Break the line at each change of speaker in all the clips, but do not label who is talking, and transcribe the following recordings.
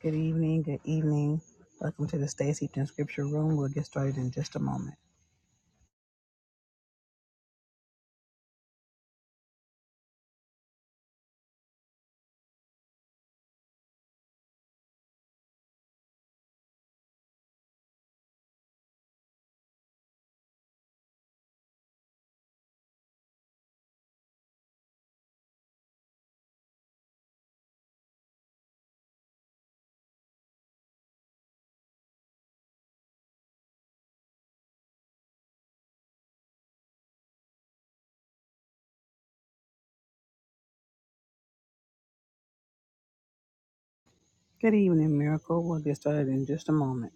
Good evening, good evening. Welcome to the Stay Steeped in Scripture Room. We'll get started in just a moment. Good evening, Miracle. We'll get started in just a moment.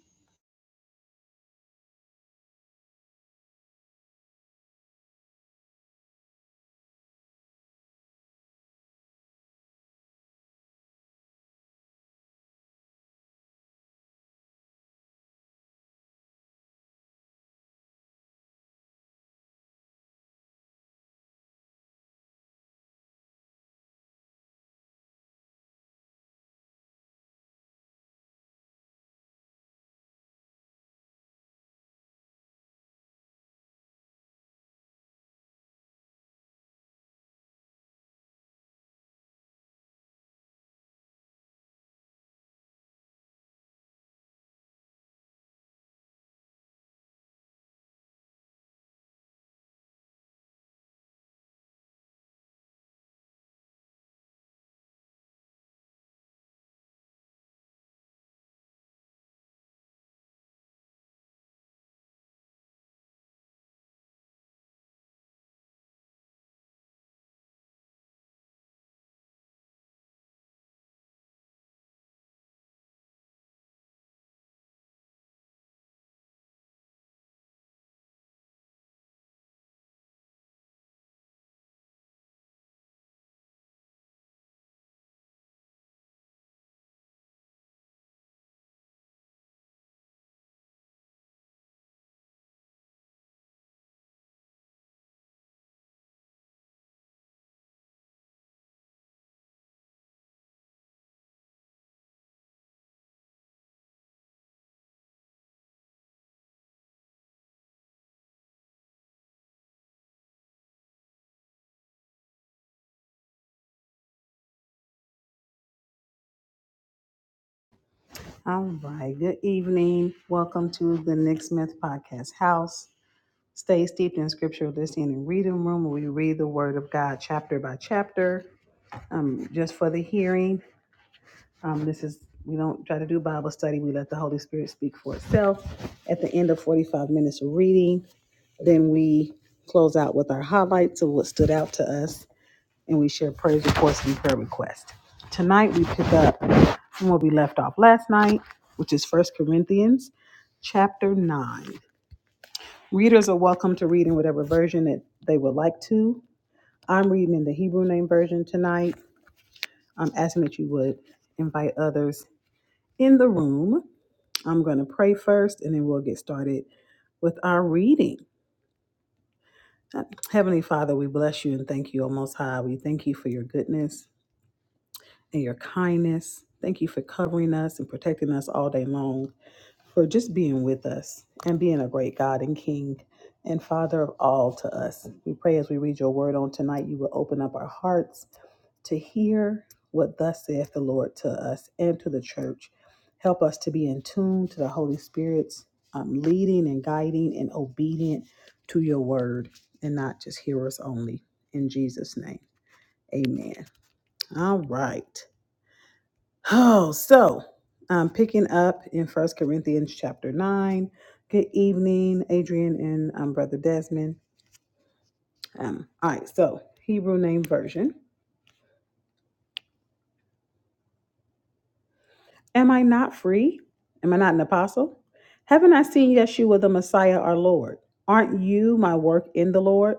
All right, good evening. Welcome to the Nick Smith Podcast House. Stay steeped in Scripture, listening and reading room where we read the Word of God chapter by chapter. Um, just for the hearing, um, this is we don't try to do Bible study. We let the Holy Spirit speak for itself. At the end of 45 minutes of reading, Then we close out with our highlights of what stood out to us, and we share praise reports and prayer requests. Tonight we pick up from where we left off last night, which is First Corinthians chapter 9. Readers are welcome to read in whatever version that they would like to. I'm reading in the Hebrew name version tonight. I'm asking that you would invite others in the room. I'm going to pray first and then we'll get started with our reading. Heavenly Father, we bless you and thank you, O Most High. We thank you for your goodness and your kindness. Thank you for covering us and protecting us all day long for just being with us and being a great God and King and Father of all to us. We pray as we read your word on tonight, you will open up our hearts to hear what thus saith the Lord to us and to the church. Help us to be in tune to the Holy Spirit's um, leading and guiding and obedient to your word and not just hearers only. In Jesus' name, amen. All right. Oh, so um, picking up in First Corinthians chapter nine. Good evening, Adrian and um, Brother Desmond. Um, all right, so Hebrew name version. Am I not free? Am I not an apostle? Haven't I seen Yeshua the Messiah, our Lord? Aren't you my work in the Lord?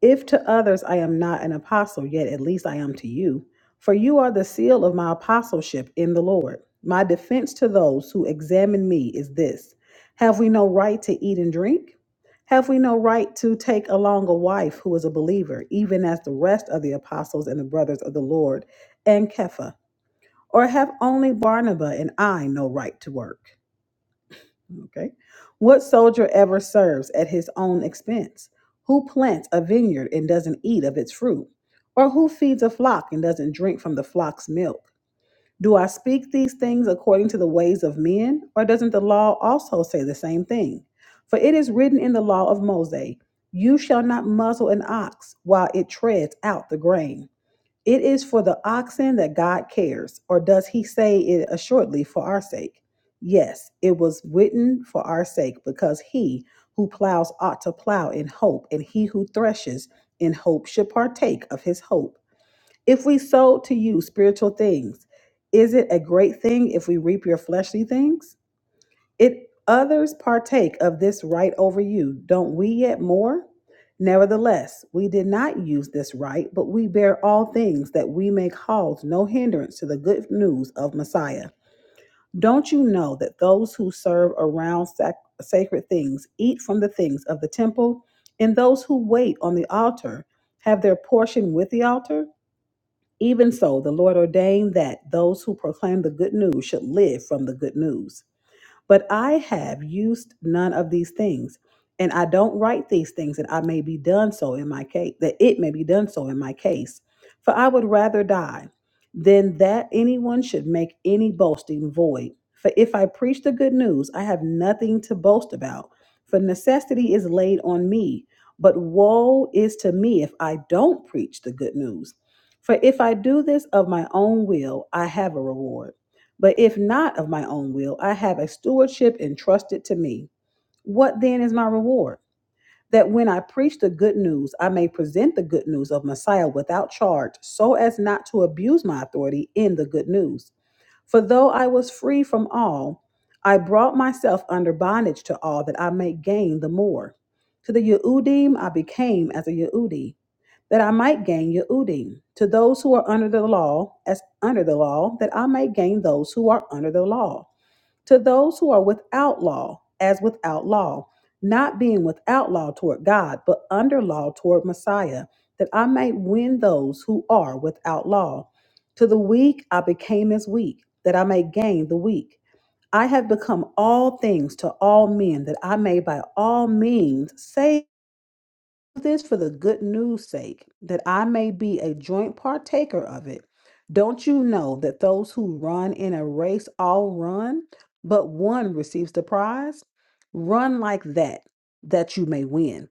If to others I am not an apostle, yet at least I am to you. For you are the seal of my apostleship in the Lord. My defense to those who examine me is this Have we no right to eat and drink? Have we no right to take along a wife who is a believer, even as the rest of the apostles and the brothers of the Lord and Kepha? Or have only Barnabas and I no right to work? Okay. What soldier ever serves at his own expense? Who plants a vineyard and doesn't eat of its fruit? Or who feeds a flock and doesn't drink from the flock's milk? Do I speak these things according to the ways of men? Or doesn't the law also say the same thing? For it is written in the law of Moses, You shall not muzzle an ox while it treads out the grain. It is for the oxen that God cares, or does he say it assuredly for our sake? Yes, it was written for our sake, because he who plows ought to plow in hope, and he who threshes in hope should partake of his hope. If we sow to you spiritual things, is it a great thing if we reap your fleshly things? If others partake of this right over you, don't we yet more? Nevertheless, we did not use this right, but we bear all things that we may cause no hindrance to the good news of Messiah. Don't you know that those who serve around sac- sacred things eat from the things of the temple, and those who wait on the altar have their portion with the altar? Even so, the Lord ordained that those who proclaim the good news should live from the good news. But I have used none of these things, and I don't write these things that I may be done so in my case, that it may be done so in my case. For I would rather die than that anyone should make any boasting void. For if I preach the good news, I have nothing to boast about, for necessity is laid on me. But woe is to me if I don't preach the good news. For if I do this of my own will, I have a reward but if not of my own will, I have a stewardship entrusted to me. What then is my reward? That when I preach the good news, I may present the good news of Messiah without charge, so as not to abuse my authority in the good news. For though I was free from all, I brought myself under bondage to all that I might gain the more. To the Yehudim I became as a Yehudi, that I might gain Yehudim. To those who are under the law, as under the law, that I might gain those who are under the law to those who are without law, as without law, not being without law toward God, but under law toward Messiah, that I may win those who are without law. To the weak I became as weak, that I may gain the weak. I have become all things to all men, that I may by all means save this for the good news sake, that I may be a joint partaker of it. Don't you know that those who run in a race all run, but one receives the prize? Run like that, that you may win.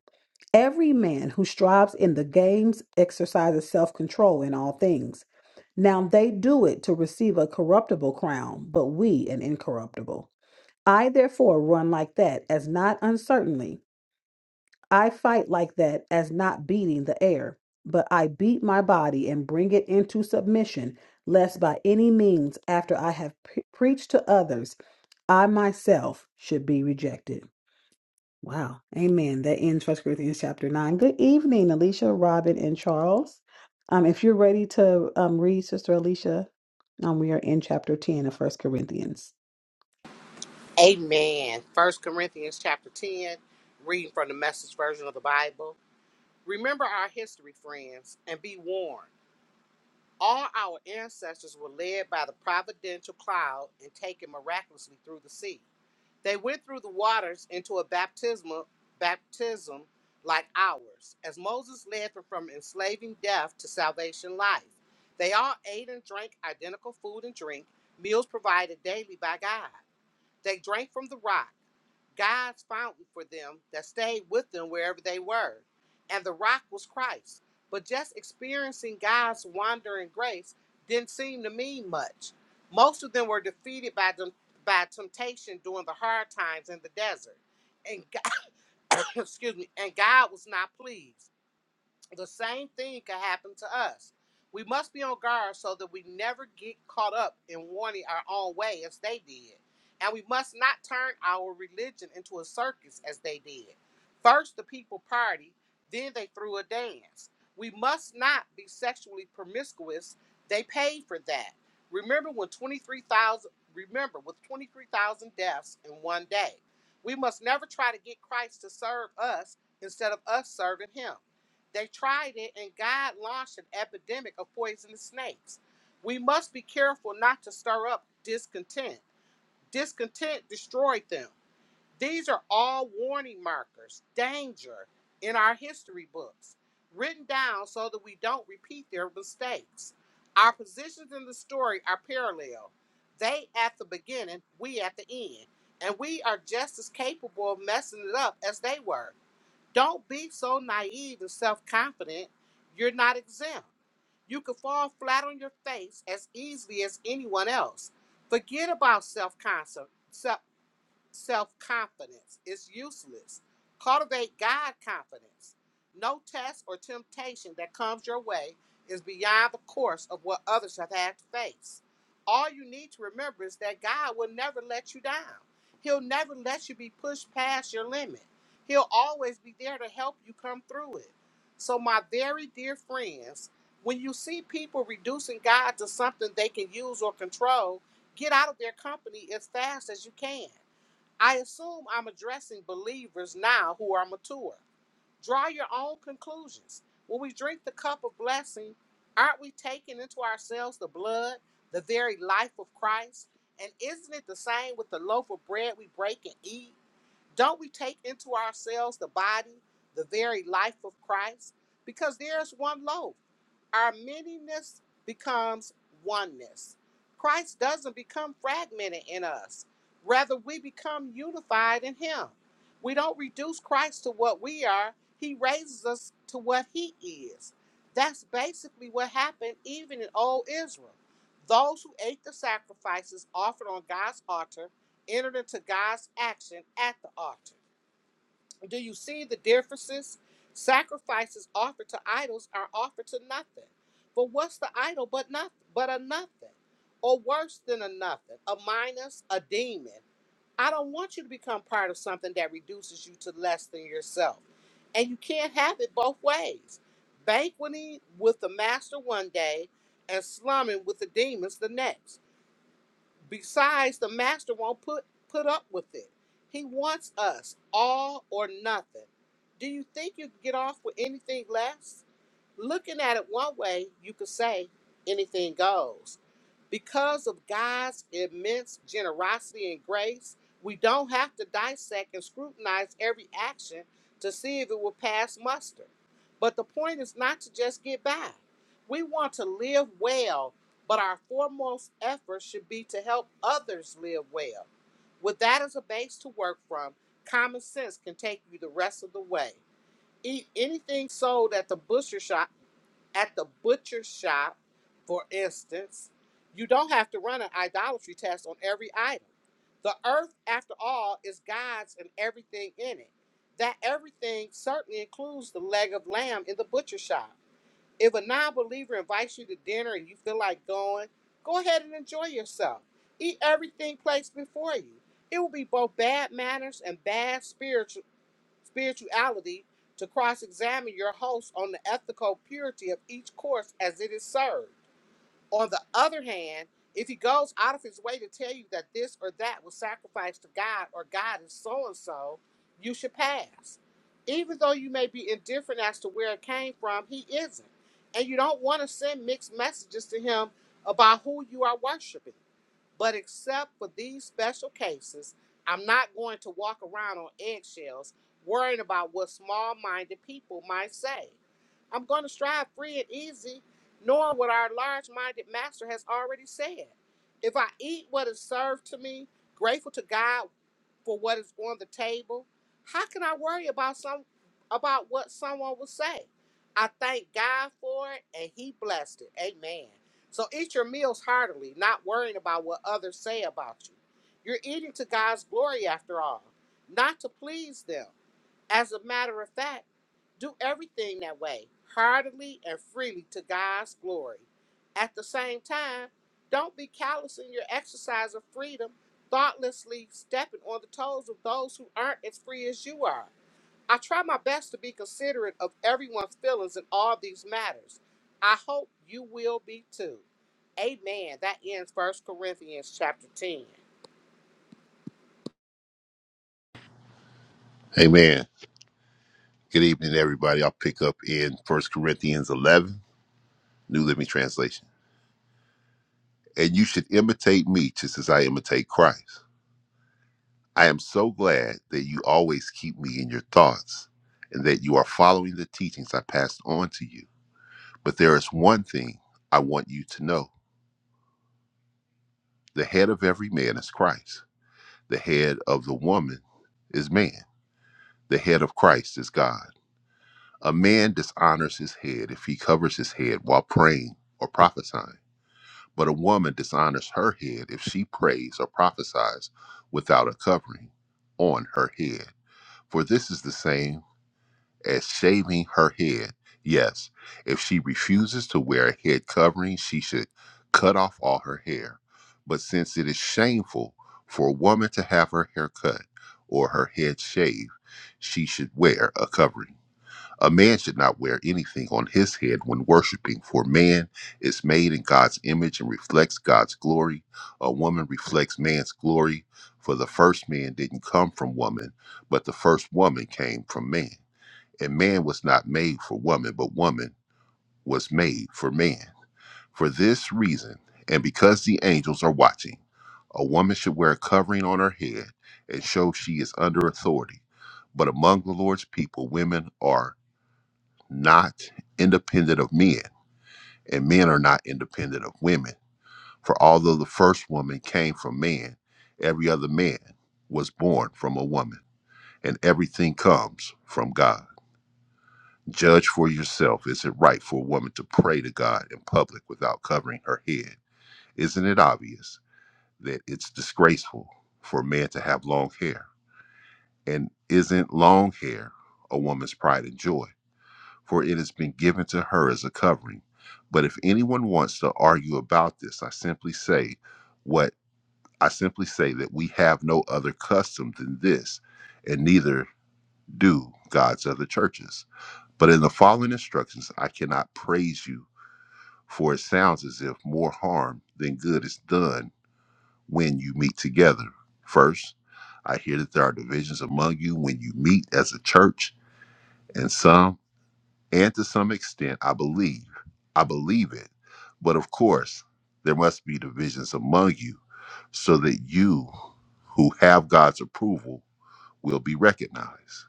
Every man who strives in the games exercises self control in all things. Now they do it to receive a corruptible crown, but we an incorruptible. I therefore run like that, as not uncertainly. I fight like that as not beating the air, but I beat my body and bring it into submission, lest by any means, after I have pre- preached to others, I myself should be rejected. Wow. Amen. That ends First Corinthians chapter 9. Good evening, Alicia, Robin, and Charles. Um, if you're ready to um, read, Sister Alicia, um, we are in chapter 10 of First Corinthians.
Amen. First Corinthians chapter 10, reading from the message version of the Bible. Remember our history, friends, and be warned. All our ancestors were led by the providential cloud and taken miraculously through the sea. They went through the waters into a baptismal baptism like ours, as Moses led them from enslaving death to salvation life. They all ate and drank identical food and drink, meals provided daily by God. They drank from the rock, God's fountain for them that stayed with them wherever they were. And the rock was Christ. But just experiencing God's wandering grace didn't seem to mean much. Most of them were defeated by them by temptation during the hard times in the desert. And God, excuse me, and God was not pleased. The same thing can happen to us. We must be on guard so that we never get caught up in wanting our own way as they did. And we must not turn our religion into a circus as they did. First, the people party, then they threw a dance. We must not be sexually promiscuous. They paid for that. Remember when 23,000 remember with 23,000 deaths in one day. We must never try to get Christ to serve us instead of us serving him. They tried it, and God launched an epidemic of poisonous snakes. We must be careful not to stir up discontent. Discontent destroyed them. These are all warning markers, danger in our history books, written down so that we don't repeat their mistakes. Our positions in the story are parallel. They at the beginning, we at the end. And we are just as capable of messing it up as they were. Don't be so naive and self confident. You're not exempt. You can fall flat on your face as easily as anyone else. Forget about self concept self confidence. It's useless. Cultivate God confidence. No test or temptation that comes your way is beyond the course of what others have had to face. All you need to remember is that God will never let you down. He'll never let you be pushed past your limit. He'll always be there to help you come through it. So, my very dear friends, when you see people reducing God to something they can use or control, get out of their company as fast as you can. I assume I'm addressing believers now who are mature. Draw your own conclusions. When we drink the cup of blessing, aren't we taking into ourselves the blood, the very life of Christ? And isn't it the same with the loaf of bread we break and eat? Don't we take into ourselves the body, the very life of Christ? Because there is one loaf. Our manyness becomes oneness. Christ doesn't become fragmented in us. Rather, we become unified in Him. We don't reduce Christ to what we are, He raises us to what He is. That's basically what happened even in old Israel. Those who ate the sacrifices offered on God's altar entered into God's action at the altar. Do you see the differences? Sacrifices offered to idols are offered to nothing. For what's the idol but nothing but a nothing? Or worse than a nothing, a minus, a demon. I don't want you to become part of something that reduces you to less than yourself. And you can't have it both ways. Banqueting with the master one day and slumming with the demons the next. Besides, the master won't put put up with it. He wants us all or nothing. Do you think you can get off with anything less? Looking at it one way, you could say anything goes. Because of God's immense generosity and grace, we don't have to dissect and scrutinize every action to see if it will pass muster. But the point is not to just get by. We want to live well, but our foremost effort should be to help others live well. With that as a base to work from, common sense can take you the rest of the way. Eat anything sold at the butcher shop at the butcher shop, for instance, you don't have to run an idolatry test on every item. The earth, after all, is God's and everything in it. That everything certainly includes the leg of lamb in the butcher shop. If a non believer invites you to dinner and you feel like going, go ahead and enjoy yourself. Eat everything placed before you. It will be both bad manners and bad spiritual spirituality to cross examine your host on the ethical purity of each course as it is served. On the other hand, if he goes out of his way to tell you that this or that was sacrificed to God or God is so and so, you should pass. Even though you may be indifferent as to where it came from, he isn't. And you don't want to send mixed messages to him about who you are worshiping. But except for these special cases, I'm not going to walk around on eggshells worrying about what small minded people might say. I'm going to strive free and easy, knowing what our large minded master has already said. If I eat what is served to me, grateful to God for what is on the table, how can I worry about some about what someone will say? I thank God for it and he blessed it. Amen. So eat your meals heartily, not worrying about what others say about you. You're eating to God's glory after all, not to please them. As a matter of fact, do everything that way, heartily and freely to God's glory. At the same time, don't be callous in your exercise of freedom, thoughtlessly stepping on the toes of those who aren't as free as you are. I try my best to be considerate of everyone's feelings in all these matters. I hope you will be too. Amen. That ends First Corinthians chapter 10.
Amen. Good evening, everybody. I'll pick up in First Corinthians 11, New Living Translation. And you should imitate me just as I imitate Christ. I am so glad that you always keep me in your thoughts and that you are following the teachings I passed on to you. But there is one thing I want you to know the head of every man is Christ, the head of the woman is man, the head of Christ is God. A man dishonors his head if he covers his head while praying or prophesying. But a woman dishonors her head if she prays or prophesies without a covering on her head. For this is the same as shaving her head. Yes, if she refuses to wear a head covering, she should cut off all her hair. But since it is shameful for a woman to have her hair cut or her head shaved, she should wear a covering. A man should not wear anything on his head when worshiping, for man is made in God's image and reflects God's glory. A woman reflects man's glory, for the first man didn't come from woman, but the first woman came from man. And man was not made for woman, but woman was made for man. For this reason, and because the angels are watching, a woman should wear a covering on her head and show she is under authority. But among the Lord's people, women are not independent of men, and men are not independent of women. For although the first woman came from man, every other man was born from a woman, and everything comes from God. Judge for yourself is it right for a woman to pray to God in public without covering her head? Isn't it obvious that it's disgraceful for a man to have long hair? And isn't long hair a woman's pride and joy? for it has been given to her as a covering. But if anyone wants to argue about this, I simply say what I simply say that we have no other custom than this, and neither do God's other churches. But in the following instructions, I cannot praise you, for it sounds as if more harm than good is done when you meet together. First, I hear that there are divisions among you when you meet as a church, and some And to some extent, I believe, I believe it. But of course, there must be divisions among you so that you who have God's approval will be recognized.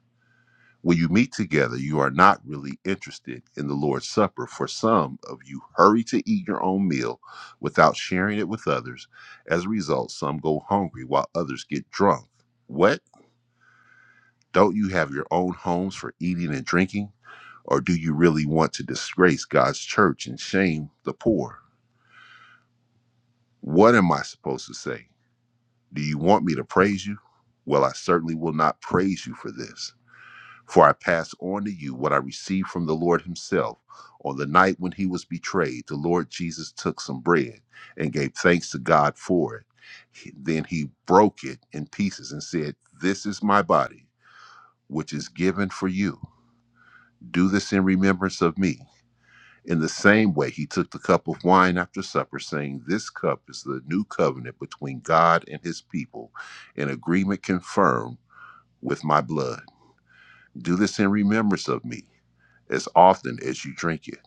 When you meet together, you are not really interested in the Lord's Supper, for some of you hurry to eat your own meal without sharing it with others. As a result, some go hungry while others get drunk. What? Don't you have your own homes for eating and drinking? Or do you really want to disgrace God's church and shame the poor? What am I supposed to say? Do you want me to praise you? Well, I certainly will not praise you for this. For I pass on to you what I received from the Lord Himself. On the night when He was betrayed, the Lord Jesus took some bread and gave thanks to God for it. He- Then He broke it in pieces and said, This is my body, which is given for you. Do this in remembrance of me. In the same way, he took the cup of wine after supper, saying, This cup is the new covenant between God and his people, an agreement confirmed with my blood. Do this in remembrance of me as often as you drink it.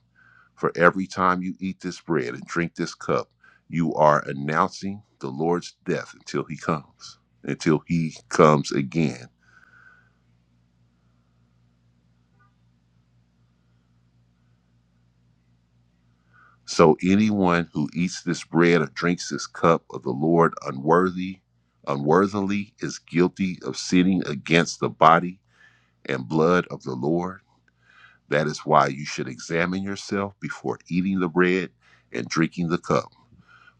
For every time you eat this bread and drink this cup, you are announcing the Lord's death until he comes, until he comes again. So anyone who eats this bread or drinks this cup of the Lord unworthy, unworthily is guilty of sinning against the body and blood of the Lord. That is why you should examine yourself before eating the bread and drinking the cup.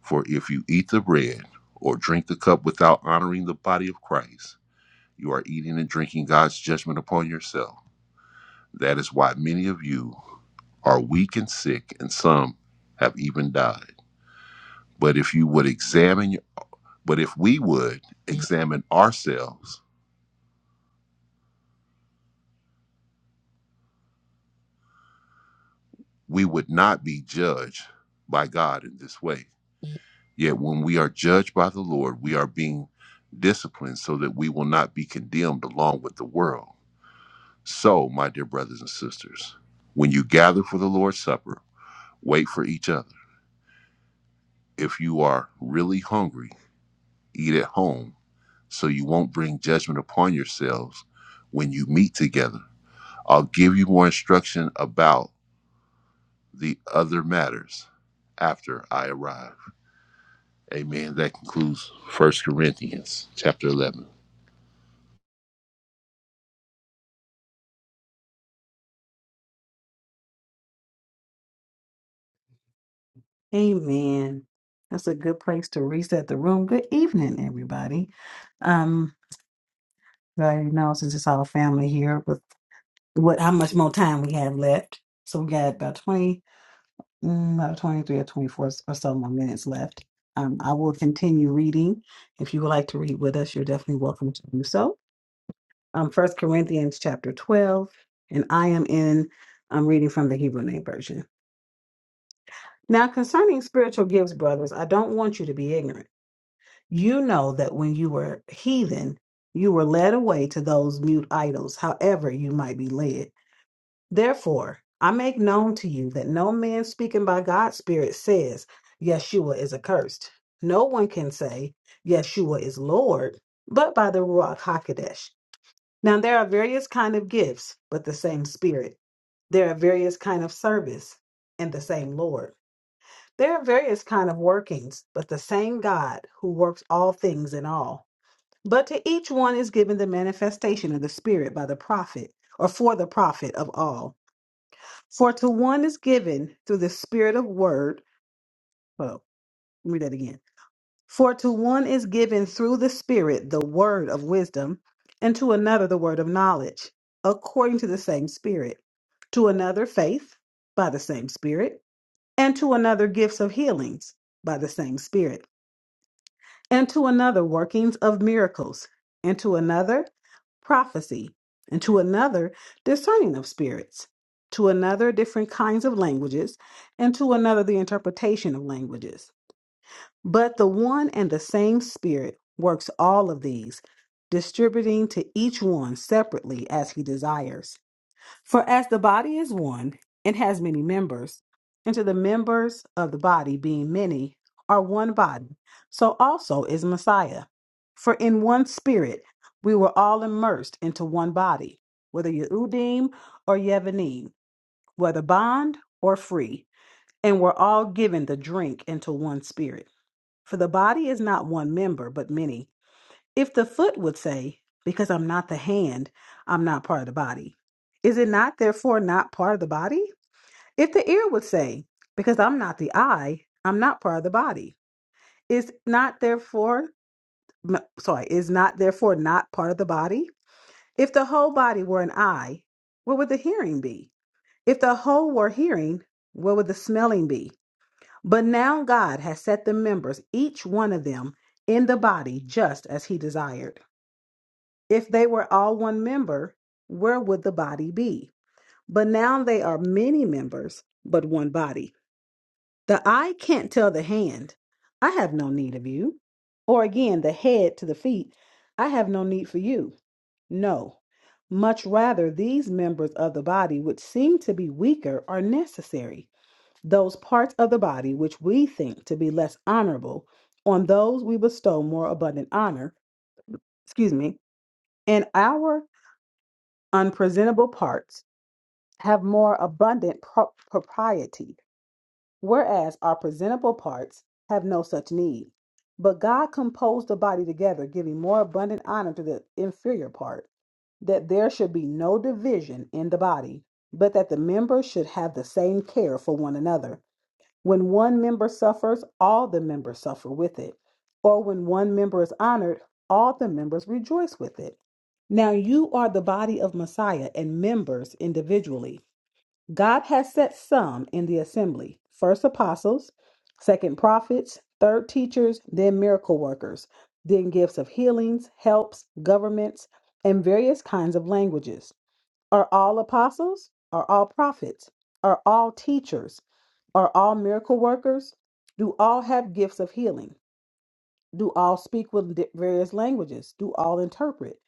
For if you eat the bread or drink the cup without honoring the body of Christ, you are eating and drinking God's judgment upon yourself. That is why many of you are weak and sick, and some have even died. But if you would examine, your- but if we would examine ourselves, we would not be judged by God in this way. Yet when we are judged by the Lord, we are being disciplined so that we will not be condemned along with the world. So, my dear brothers and sisters, when you gather for the Lord's Supper, wait for each other. If you are really hungry, eat at home so you won't bring judgment upon yourselves when you meet together I'll give you more instruction about the other matters after I arrive. Amen. That concludes First Corinthians chapter 11.
Amen. That's a good place to reset the room. Good evening, everybody. Um, I already know since it's all family here, with what how much more time we have left. So we got about twenty, mm, about twenty-three or twenty-four or so more minutes left. Um, I will continue reading. If you would like to read with us, you're definitely welcome to do so. Um, First Corinthians chapter twelve, and I am in. I'm reading from the Hebrew Name Version. Now, concerning spiritual gifts, brothers, I don't want you to be ignorant. You know that when you were heathen, you were led away to those mute idols, however you might be led. Therefore, I make known to you that no man speaking by God's Spirit says, Yeshua is accursed. No one can say, Yeshua is Lord, but by the Ruach HaKodesh. Now, there are various kind of gifts, but the same Spirit. There are various kind of service, and the same Lord. There are various kind of workings, but the same God who works all things in all. But to each one is given the manifestation of the Spirit by the prophet, or for the prophet of all. For to one is given through the Spirit of word. Well, let me read that again. For to one is given through the Spirit the word of wisdom, and to another the word of knowledge, according to the same Spirit. To another, faith by the same Spirit, and to another, gifts of healings by the same Spirit and to another workings of miracles, and to another prophecy, and to another discerning of spirits, to another different kinds of languages, and to another the interpretation of languages. But the one and the same Spirit works all of these, distributing to each one separately as he desires. For as the body is one and has many members, and to the members of the body being many are one body, so also is Messiah. For in one spirit we were all immersed into one body, whether Yehudim or Yevanim, whether bond or free, and were all given the drink into one spirit. For the body is not one member, but many. If the foot would say, Because I'm not the hand, I'm not part of the body, is it not therefore not part of the body? If the ear would say, Because I'm not the eye, I'm not part of the body, is not therefore, m- sorry, is not therefore not part of the body? If the whole body were an eye, where would the hearing be? If the whole were hearing, where would the smelling be? But now God has set the members, each one of them, in the body just as he desired. If they were all one member, where would the body be? But now they are many members, but one body. The eye can't tell the hand, I have no need of you. Or again, the head to the feet, I have no need for you. No. Much rather, these members of the body, which seem to be weaker, are necessary. Those parts of the body which we think to be less honorable, on those we bestow more abundant honor. Excuse me. And our unpresentable parts have more abundant pro- propriety, whereas our presentable parts have no such need. But God composed the body together, giving more abundant honor to the inferior part, that there should be no division in the body, but that the members should have the same care for one another. When one member suffers, all the members suffer with it. Or when one member is honored, all the members rejoice with it. Now you are the body of Messiah and members individually. God has set some in the assembly first apostles, second prophets, third teachers, then miracle workers, then gifts of healings, helps, governments, and various kinds of languages. Are all apostles? Are all prophets? Are all teachers? Are all miracle workers? Do all have gifts of healing? Do all speak with di- various languages? Do all interpret?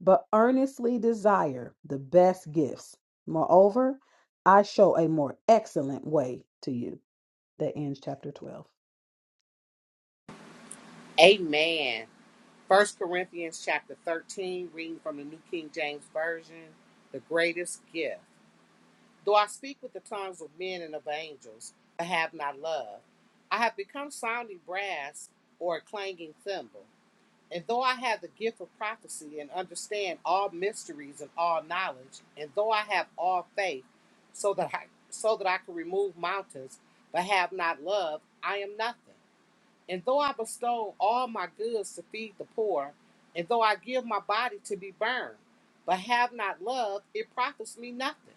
But earnestly desire the best gifts. Moreover, I show a more excellent way to you. That ends chapter 12.
Amen. First Corinthians chapter 13, reading from the New King James Version, the greatest gift. Though I speak with the tongues of men and of angels, I have not love. I have become sounding brass or a clanging cymbal. And though I have the gift of prophecy and understand all mysteries and all knowledge, and though I have all faith, so that I so that I can remove mountains, but have not love, I am nothing. And though I bestow all my goods to feed the poor, and though I give my body to be burned, but have not love, it profits me nothing.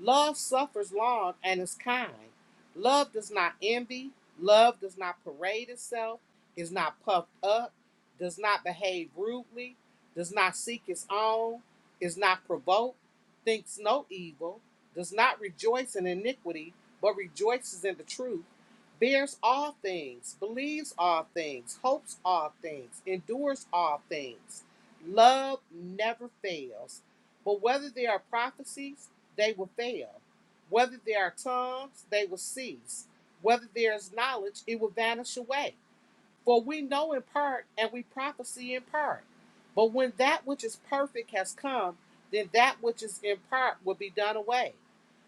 Love suffers long and is kind. Love does not envy. Love does not parade itself, is not puffed up, does not behave rudely, does not seek its own, is not provoked, thinks no evil, does not rejoice in iniquity, but rejoices in the truth, bears all things, believes all things, hopes all things, endures all things. Love never fails. But whether there are prophecies, they will fail. Whether there are tongues, they will cease. Whether there is knowledge, it will vanish away. For we know in part and we prophesy in part. But when that which is perfect has come, then that which is in part will be done away.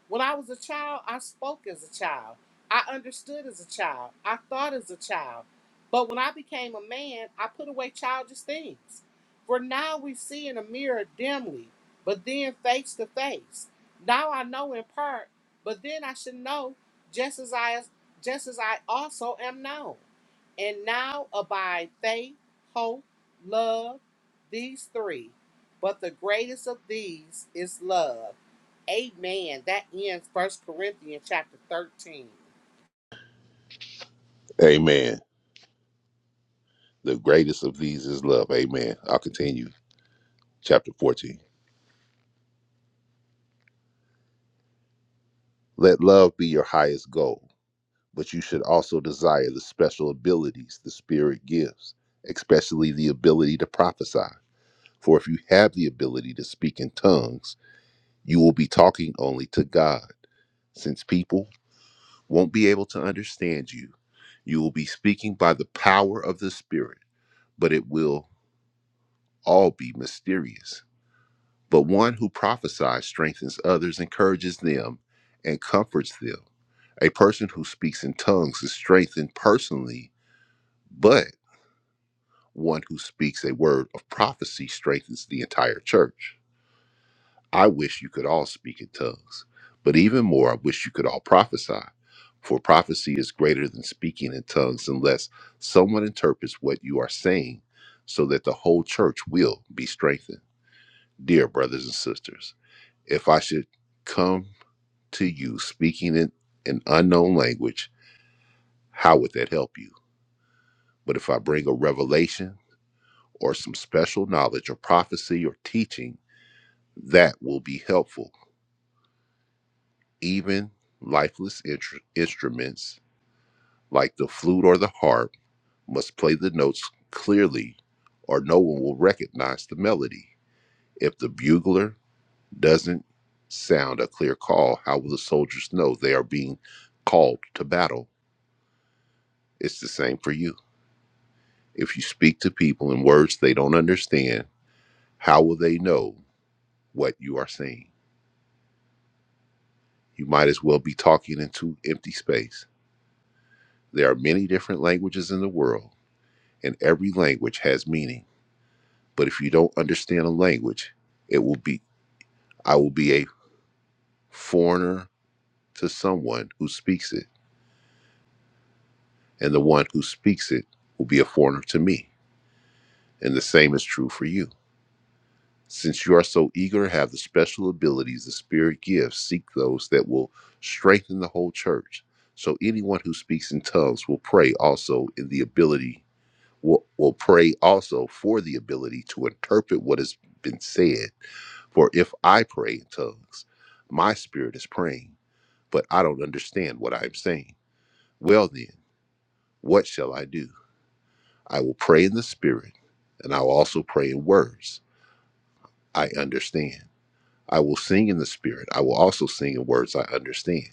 When I was a child, I spoke as a child. I understood as a child. I thought as a child. But when I became a man, I put away childish things. For now we see in a mirror dimly, but then face to face. Now I know in part, but then I should know just as I just as I also am known. And now abide faith, hope, love, these three. But the greatest of these is love. Amen. That ends First Corinthians chapter 13.
Amen. The greatest of these is love. Amen. I'll continue. Chapter 14. Let love be your highest goal, but you should also desire the special abilities the Spirit gives, especially the ability to prophesy. For if you have the ability to speak in tongues, you will be talking only to God, since people won't be able to understand you. You will be speaking by the power of the Spirit, but it will all be mysterious. But one who prophesies strengthens others, encourages them, and comforts them. A person who speaks in tongues is strengthened personally, but one who speaks a word of prophecy strengthens the entire church. I wish you could all speak in tongues, but even more, I wish you could all prophesy. For prophecy is greater than speaking in tongues unless someone interprets what you are saying so that the whole church will be strengthened. Dear brothers and sisters, if I should come to you speaking in an unknown language, how would that help you? But if I bring a revelation or some special knowledge or prophecy or teaching, that will be helpful Even lifeless intr- instruments like the flute or the harp must play the notes clearly, or no one will recognize the melody. If the bugler doesn't sound a clear call, how will the soldiers know they are being called to battle? It's the same for you. If you speak to people in words they don't understand, how will they know what you are saying? You might as well be talking into empty space. There are many different languages in the world and every language has meaning. But if you don't understand a language, it will be I will be a foreigner to someone who speaks it, and the one who speaks it will be a foreigner to me. And the same is true for you. Since you are so eager to have the special abilities the Spirit gives, seek those that will strengthen the whole church. So anyone who speaks in tongues will pray also in the ability will, will pray also for the ability to interpret what has been said For if I pray in tongues, my spirit is praying, but I don't understand what I am saying. Well, then, what shall I do? I will pray in the spirit, and I will also pray in words I understand. I will sing in the spirit, I will also sing in words I understand.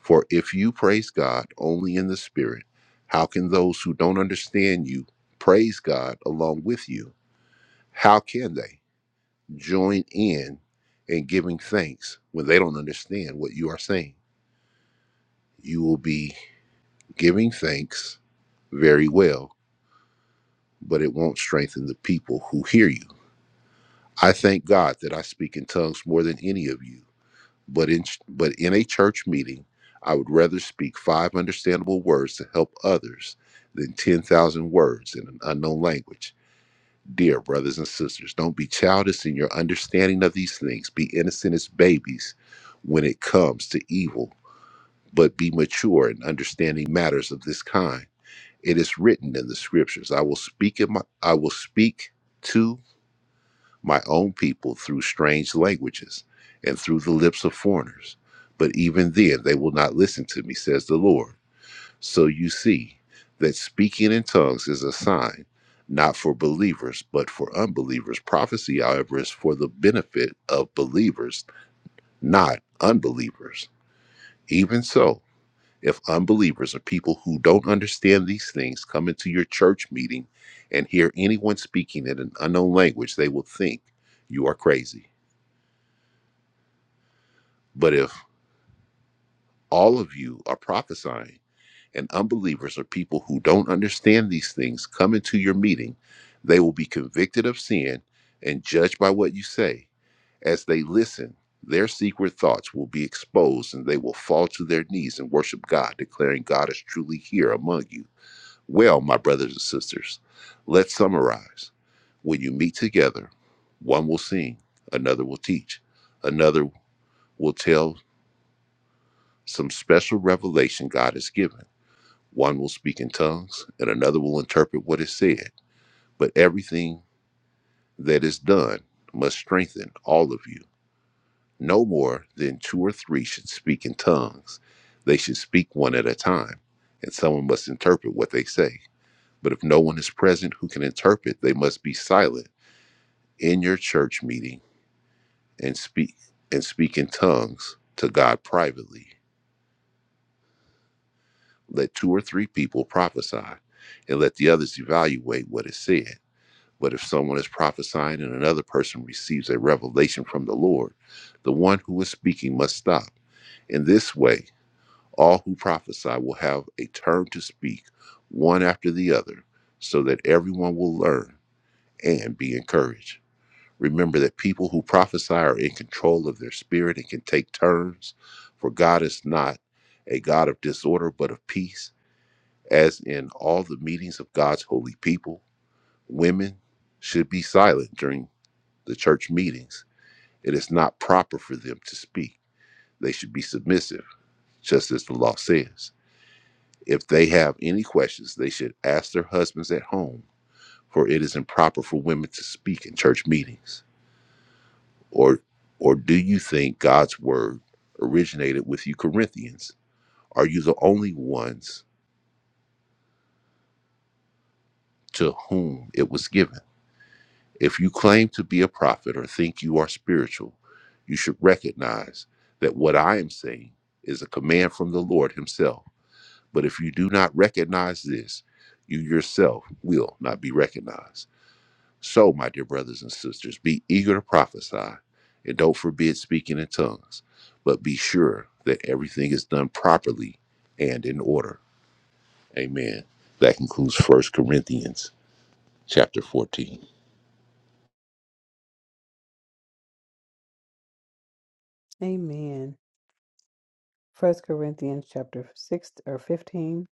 For if you praise God only in the spirit, how can those who don't understand you praise God along with you? How can they join in in giving thanks when they don't understand what you are saying? You will be giving thanks very well, but it won't strengthen the people who hear you. I thank God that I speak in tongues more than any of you, but in but in a church meeting, I would rather speak five understandable words to help others than 10,000 words in an unknown language. Dear brothers and sisters, don't be childish in your understanding of these things. Be innocent as babies when it comes to evil, but be mature in understanding matters of this kind. It is written in the scriptures. I will speak in my, I will speak to my own people through strange languages and through the lips of foreigners. But even then they will not listen to me, says the Lord. So you see that speaking in tongues is a sign not for believers, but for unbelievers. Prophecy, however, is for the benefit of believers, not unbelievers. Even so, if unbelievers or people who don't understand these things come into your church meeting and hear anyone speaking in an unknown language, they will think you are crazy. But if all of you are prophesying and unbelievers or people who don't understand these things come into your meeting, they will be convicted of sin and judged by what you say. As they listen, their secret thoughts will be exposed and they will fall to their knees and worship God, declaring God is truly here among you. Well, my brothers and sisters, let's summarize. When you meet together, one will sing, another will teach, another will tell some special revelation God has given. One will speak in tongues, and another will interpret what is said. But everything that is done must strengthen all of you. No more than two or three should speak in tongues. They should speak one at a time, and someone must interpret what they say. But if no one is present who can interpret, they must be silent in your church meeting and speak and speak in tongues to God privately. Let two or three people prophesy and let the others evaluate what is said. But if someone is prophesying and another person receives a revelation from the Lord, the one who is speaking must stop. In this way, all who prophesy will have a turn to speak one after the other, so that everyone will learn and be encouraged. Remember that people who prophesy are in control of their spirit and can take turns, for God is not a God of disorder, but of peace, as in all the meetings of God's holy people. Women should be silent during the church meetings. It is not proper for them to speak. They should be submissive, just as the law says. If they have any questions, they should ask their husbands at home, for it is improper for women to speak in church meetings. Or or do you think God's word originated with you Corinthians? Are you the only ones to whom it was given? If you claim to be a prophet or think you are spiritual, you should recognize that what I am saying is a command from the Lord himself. But if you do not recognize this, you yourself will not be recognized. So, my dear brothers and sisters, be eager to prophesy and don't forbid speaking in tongues, but be sure that everything is done properly and in order. Amen. That concludes First Corinthians chapter 14.
Amen. First Corinthians chapter 6 or 15.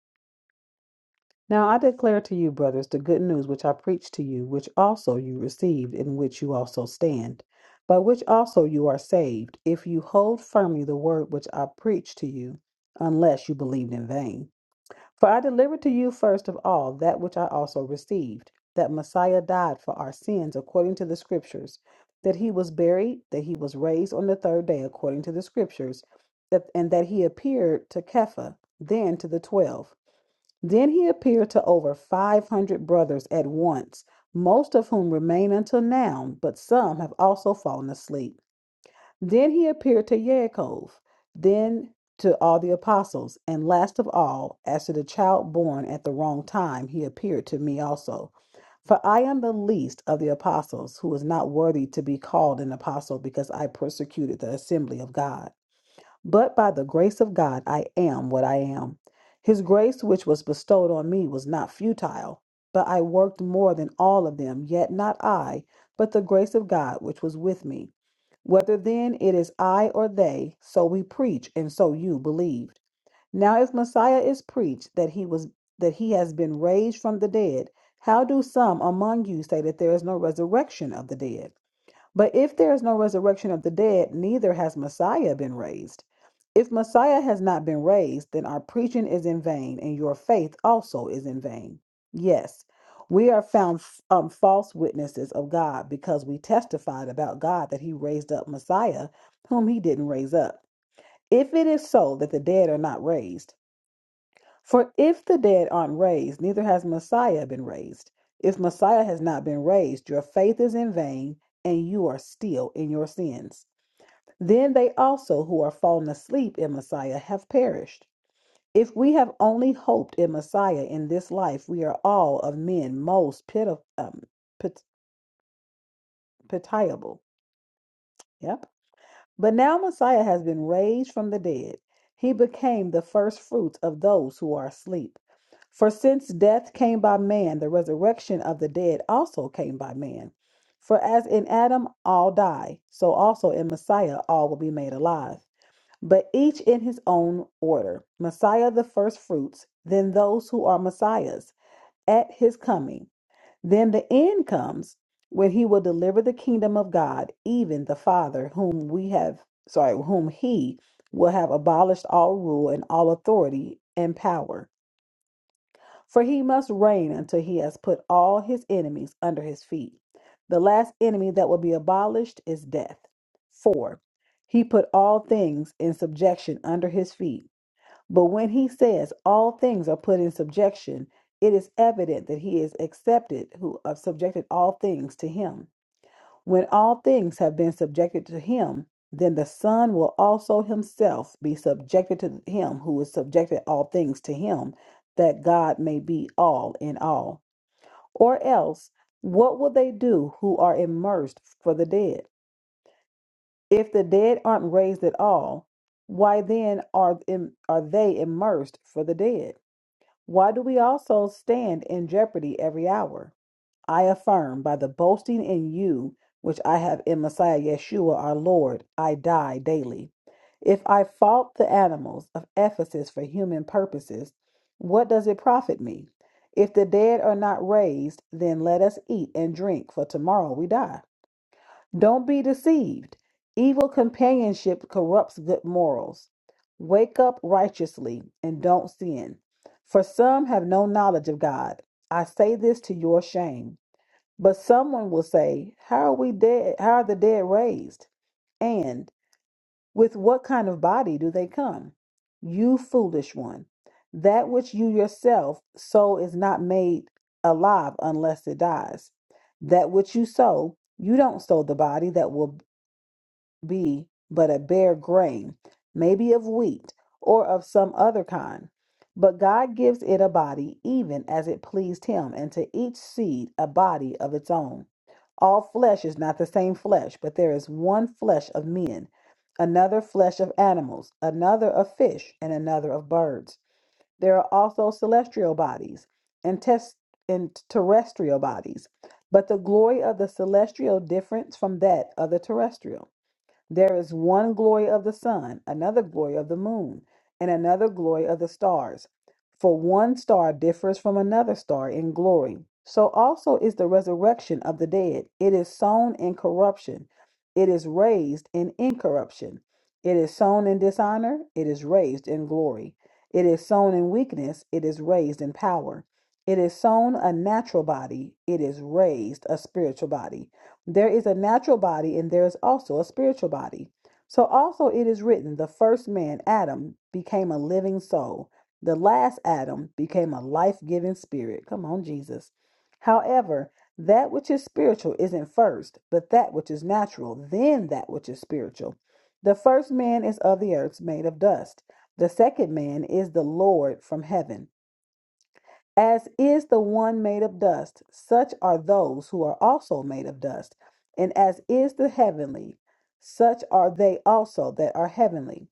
Now I declare to you, brothers, the good news which I preached to you, which also you received, in which you also stand, by which also you are saved, if you hold firmly the word which I preached to you, unless you believed in vain. For I delivered to you first of all that which I also received, that Messiah died for our sins according to the Scriptures, that he was buried, that he was raised on the third day according to the Scriptures, that, and that he appeared to Kepha, then to the twelve. Then he appeared to over 500 brothers at once, most of whom remain until now, but some have also fallen asleep. Then he appeared to Yaakov, then to all the apostles, and last of all, as to the child born at the wrong time, he appeared to me also. For I am the least of the apostles, who is not worthy to be called an apostle because I persecuted the assembly of God. But by the grace of God, I am what I am. His grace, which was bestowed on me, was not futile, but I worked more than all of them, yet not I, but the grace of God, which was with me. Whether then it is I or they, so we preach, and so you believed. Now if Messiah is preached that he was that he has been raised from the dead, how do some among you say that there is no resurrection of the dead? But if there is no resurrection of the dead, neither has Messiah been raised. If Messiah has not been raised, then our preaching is in vain, and your faith also is in vain. Yes, we are found um, false witnesses of God because we testified about God that He raised up Messiah, whom He didn't raise up. If it is so that the dead are not raised, for if the dead aren't raised, neither has Messiah been raised. If Messiah has not been raised, your faith is in vain, and you are still in your sins. Then they also who are fallen asleep in Messiah have perished. If we have only hoped in Messiah in this life, we are all of men most piti- um, pit- pitiable. Yeah. But now Messiah has been raised from the dead. He became the first fruit of those who are asleep. For since death came by man, the resurrection of the dead also came by man. For as in Adam all die, so also in Messiah all will be made alive, but each in his own order. Messiah the first fruits, then those who are Messiahs at his coming then the end comes when he will deliver the kingdom of God, even the Father, whom we have, sorry, whom he will have abolished all rule and all authority and power. For he must reign until he has put all his enemies under his feet. The last enemy that will be abolished is death. 4. He put all things in subjection under his feet. But when he says all things are put in subjection, it is evident that he is accepted who have subjected all things to him. When all things have been subjected to him, then the Son will also himself be subjected to him who has subjected all things to him, that God may be all in all. Or else, what will they do who are immersed for the dead? If the dead aren't raised at all, why then are, im- are they immersed for the dead? Why do we also stand in jeopardy every hour? I affirm by the boasting in you which I have in Messiah Yeshua our Lord, I die daily. If I fought the animals of Ephesus for human purposes, what does it profit me? If the dead are not raised, then let us eat and drink, for tomorrow we die. Don't be deceived. Evil companionship corrupts good morals. Wake up righteously and don't sin. For some have no knowledge of God. I say this to your shame. But someone will say, How are we dead? How are the dead raised? And with what kind of body do they come? You foolish one. That which you yourself sow is not made alive unless it dies. That which you sow, you don't sow the body that will be but a bare grain, maybe of wheat or of some other kind. But God gives it a body even as it pleased him, and to each seed a body of its own. All flesh is not the same flesh, but there is one flesh of men, another flesh of animals, another of fish, and another of birds. There are also celestial bodies and, tes- and terrestrial bodies, but the glory of the celestial differs from that of the terrestrial. There is one glory of the sun, another glory of the moon, and another glory of the stars. For one star differs from another star in glory. So also is the resurrection of the dead. It is sown in corruption, it is raised in incorruption. It is sown in dishonor, it is raised in glory. It is sown in weakness, it is raised in power. It is sown a natural body, it is raised a spiritual body. There is a natural body and there is also a spiritual body. So also it is written, the first man, Adam, became a living soul. The last Adam became a life giving spirit. Come on, Jesus. However, that which is spiritual isn't first, but that which is natural, then that which is spiritual. The first man is of the earth, made of dust. The second man is the Lord from heaven. As is the one made of dust, such are those who are also made of dust. And as is the heavenly, such are they also that are heavenly.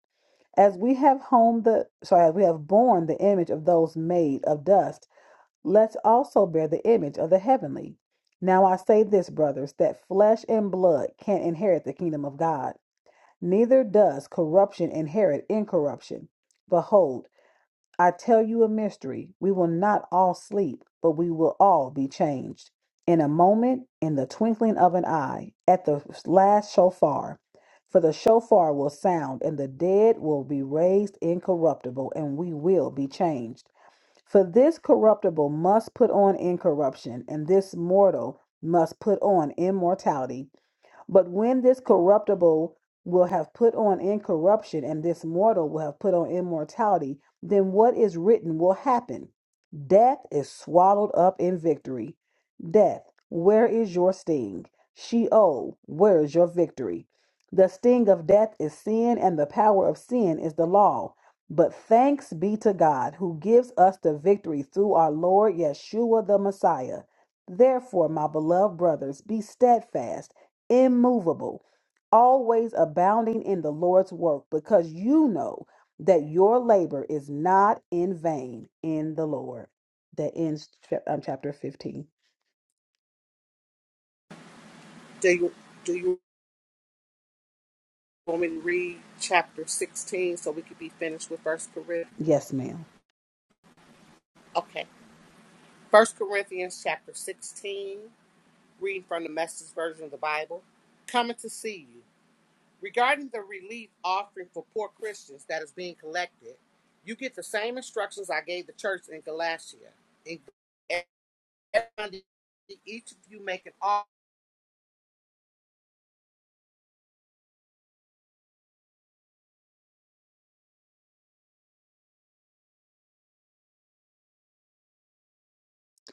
As we have homed the sorry, as we have borne the image of those made of dust, let's also bear the image of the heavenly. Now I say this, brothers, that flesh and blood can't inherit the kingdom of God, neither does corruption inherit incorruption. Behold, I tell you a mystery. We will not all sleep, but we will all be changed. In a moment, in the twinkling of an eye, at the last shofar. For the shofar will sound, and the dead will be raised incorruptible, and we will be changed. For this corruptible must put on incorruption, and this mortal must put on immortality. But when this corruptible will have put on incorruption, and this mortal will have put on immortality, then what is written will happen Death is swallowed up in victory. Death, where is your sting? Sheol, where is your victory? The sting of death is sin, and the power of sin is the law. But thanks be to God who gives us the victory through our Lord Yeshua the Messiah. Therefore, my beloved brothers, be steadfast immovable, always abounding in the Lord's work, because you know that your labor is not in vain in the Lord. That ends chap- um, chapter 15.
Do you do you want me to read chapter 16 so we could be finished with First Corinthians?
Yes, ma'am.
Okay. First Corinthians chapter 16, reading from the message version of the Bible. Coming to see you. Regarding the relief offering for poor Christians that is being collected, you get the same instructions I gave the church in Galatia. In Monday, each of you make an offering.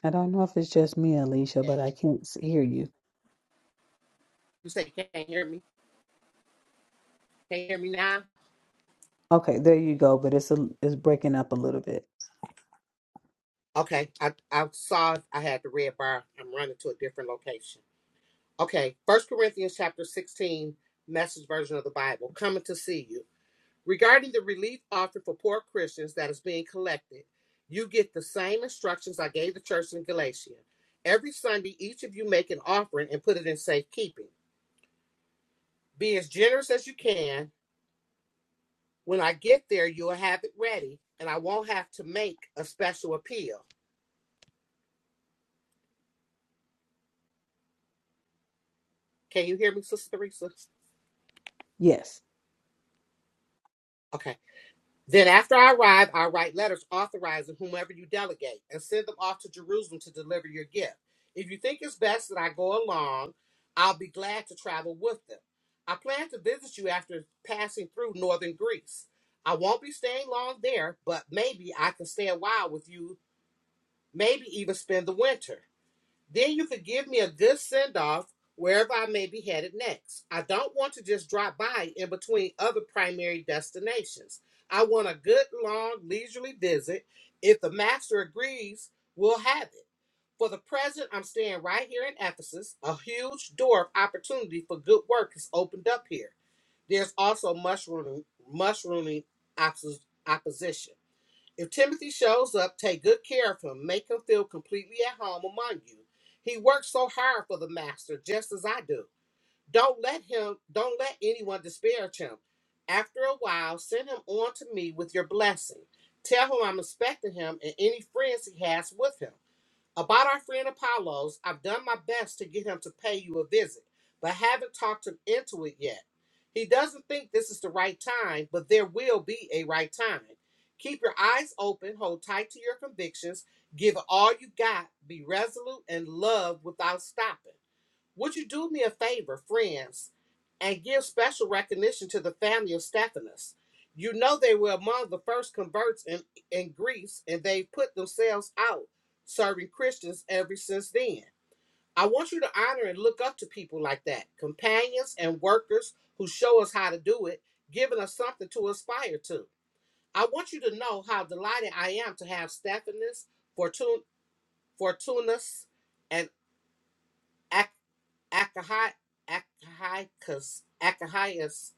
I don't know if it's just me, Alicia, but I can't s- hear you.
You say you can't hear me. Can't hear me now.
Okay, there you go, but it's a, it's breaking up a little bit.
Okay, I, I saw I had the red bar. I'm running to a different location. Okay, First Corinthians chapter 16, Message version of the Bible. Coming to see you. Regarding the relief offered for poor Christians that is being collected, you get the same instructions I gave the church in Galatia. Every Sunday, each of you make an offering and put it in safekeeping. Be as generous as you can. When I get there, you'll have it ready, and I won't have to make a special appeal. Can you hear me, Sister Teresa?
Yes.
Okay. Then, after I arrive, I write letters authorizing whomever you delegate and send them off to Jerusalem to deliver your gift. If you think it's best that I go along, I'll be glad to travel with them. I plan to visit you after passing through northern Greece. I won't be staying long there, but maybe I can stay a while with you, maybe even spend the winter. Then you could give me a good send off wherever I may be headed next. I don't want to just drop by in between other primary destinations. I want a good, long, leisurely visit. If the master agrees, we'll have it. For the present, I'm staying right here in Ephesus. A huge door of opportunity for good work is opened up here. There's also mushroom, mushrooming opposition. If Timothy shows up, take good care of him. Make him feel completely at home among you. He works so hard for the master, just as I do. Don't let him, don't let anyone disparage him. After a while, send him on to me with your blessing. Tell him I'm expecting him and any friends he has with him. About our friend Apollos, I've done my best to get him to pay you a visit, but haven't talked him into it yet. He doesn't think this is the right time, but there will be a right time. Keep your eyes open, hold tight to your convictions, give it all you got, be resolute, and love without stopping. Would you do me a favor, friends, and give special recognition to the family of Stephanus? You know they were among the first converts in, in Greece, and they put themselves out serving Christians ever since then. I want you to honor and look up to people like that, companions and workers who show us how to do it, giving us something to aspire to. I want you to know how delighted I am to have Stephanus, Fortun- Fortunus, and Ac- Akahi- Akahikas, Akahias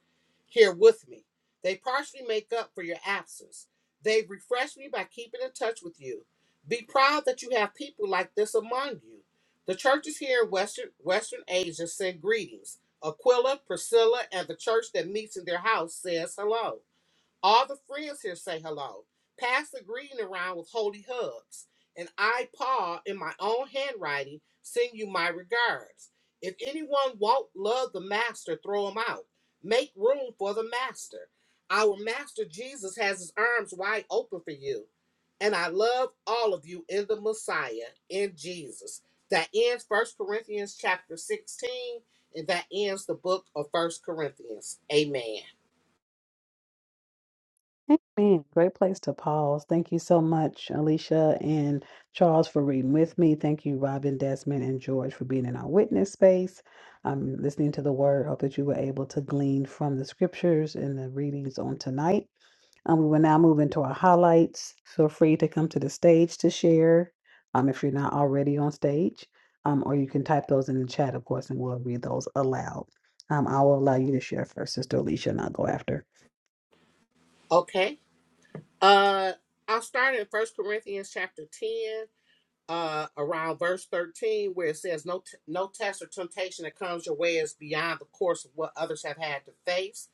here with me. They partially make up for your absence. They refresh me by keeping in touch with you. Be proud that you have people like this among you. The churches here in Western, Western Asia send greetings. Aquila, Priscilla, and the church that meets in their house says hello. All the friends here say hello. Pass the greeting around with holy hugs. And I, Paul, in my own handwriting, send you my regards. If anyone won't love the master, throw him out. Make room for the master. Our master Jesus has his arms wide open for you. And I love all of you in the Messiah, in Jesus. That ends First Corinthians chapter 16, and that ends the book of First Corinthians. Amen.
Amen. Great place to pause. Thank you so much, Alicia and Charles, for reading with me. Thank you, Robin, Desmond, and George, for being in our witness space. I'm listening to the word. Hope that you were able to glean from the scriptures and the readings on tonight. Um, we will now move into our highlights. Feel free to come to the stage to share um, if you're not already on stage, um, or you can type those in the chat, of course, and we'll read those aloud. Um, I will allow you to share first, Sister Alicia, and I'll go after.
Okay. Uh, I'll start in First Corinthians chapter ten, uh, around verse thirteen, where it says, "No, t- no test or temptation that comes your way is beyond the course of what others have had to face."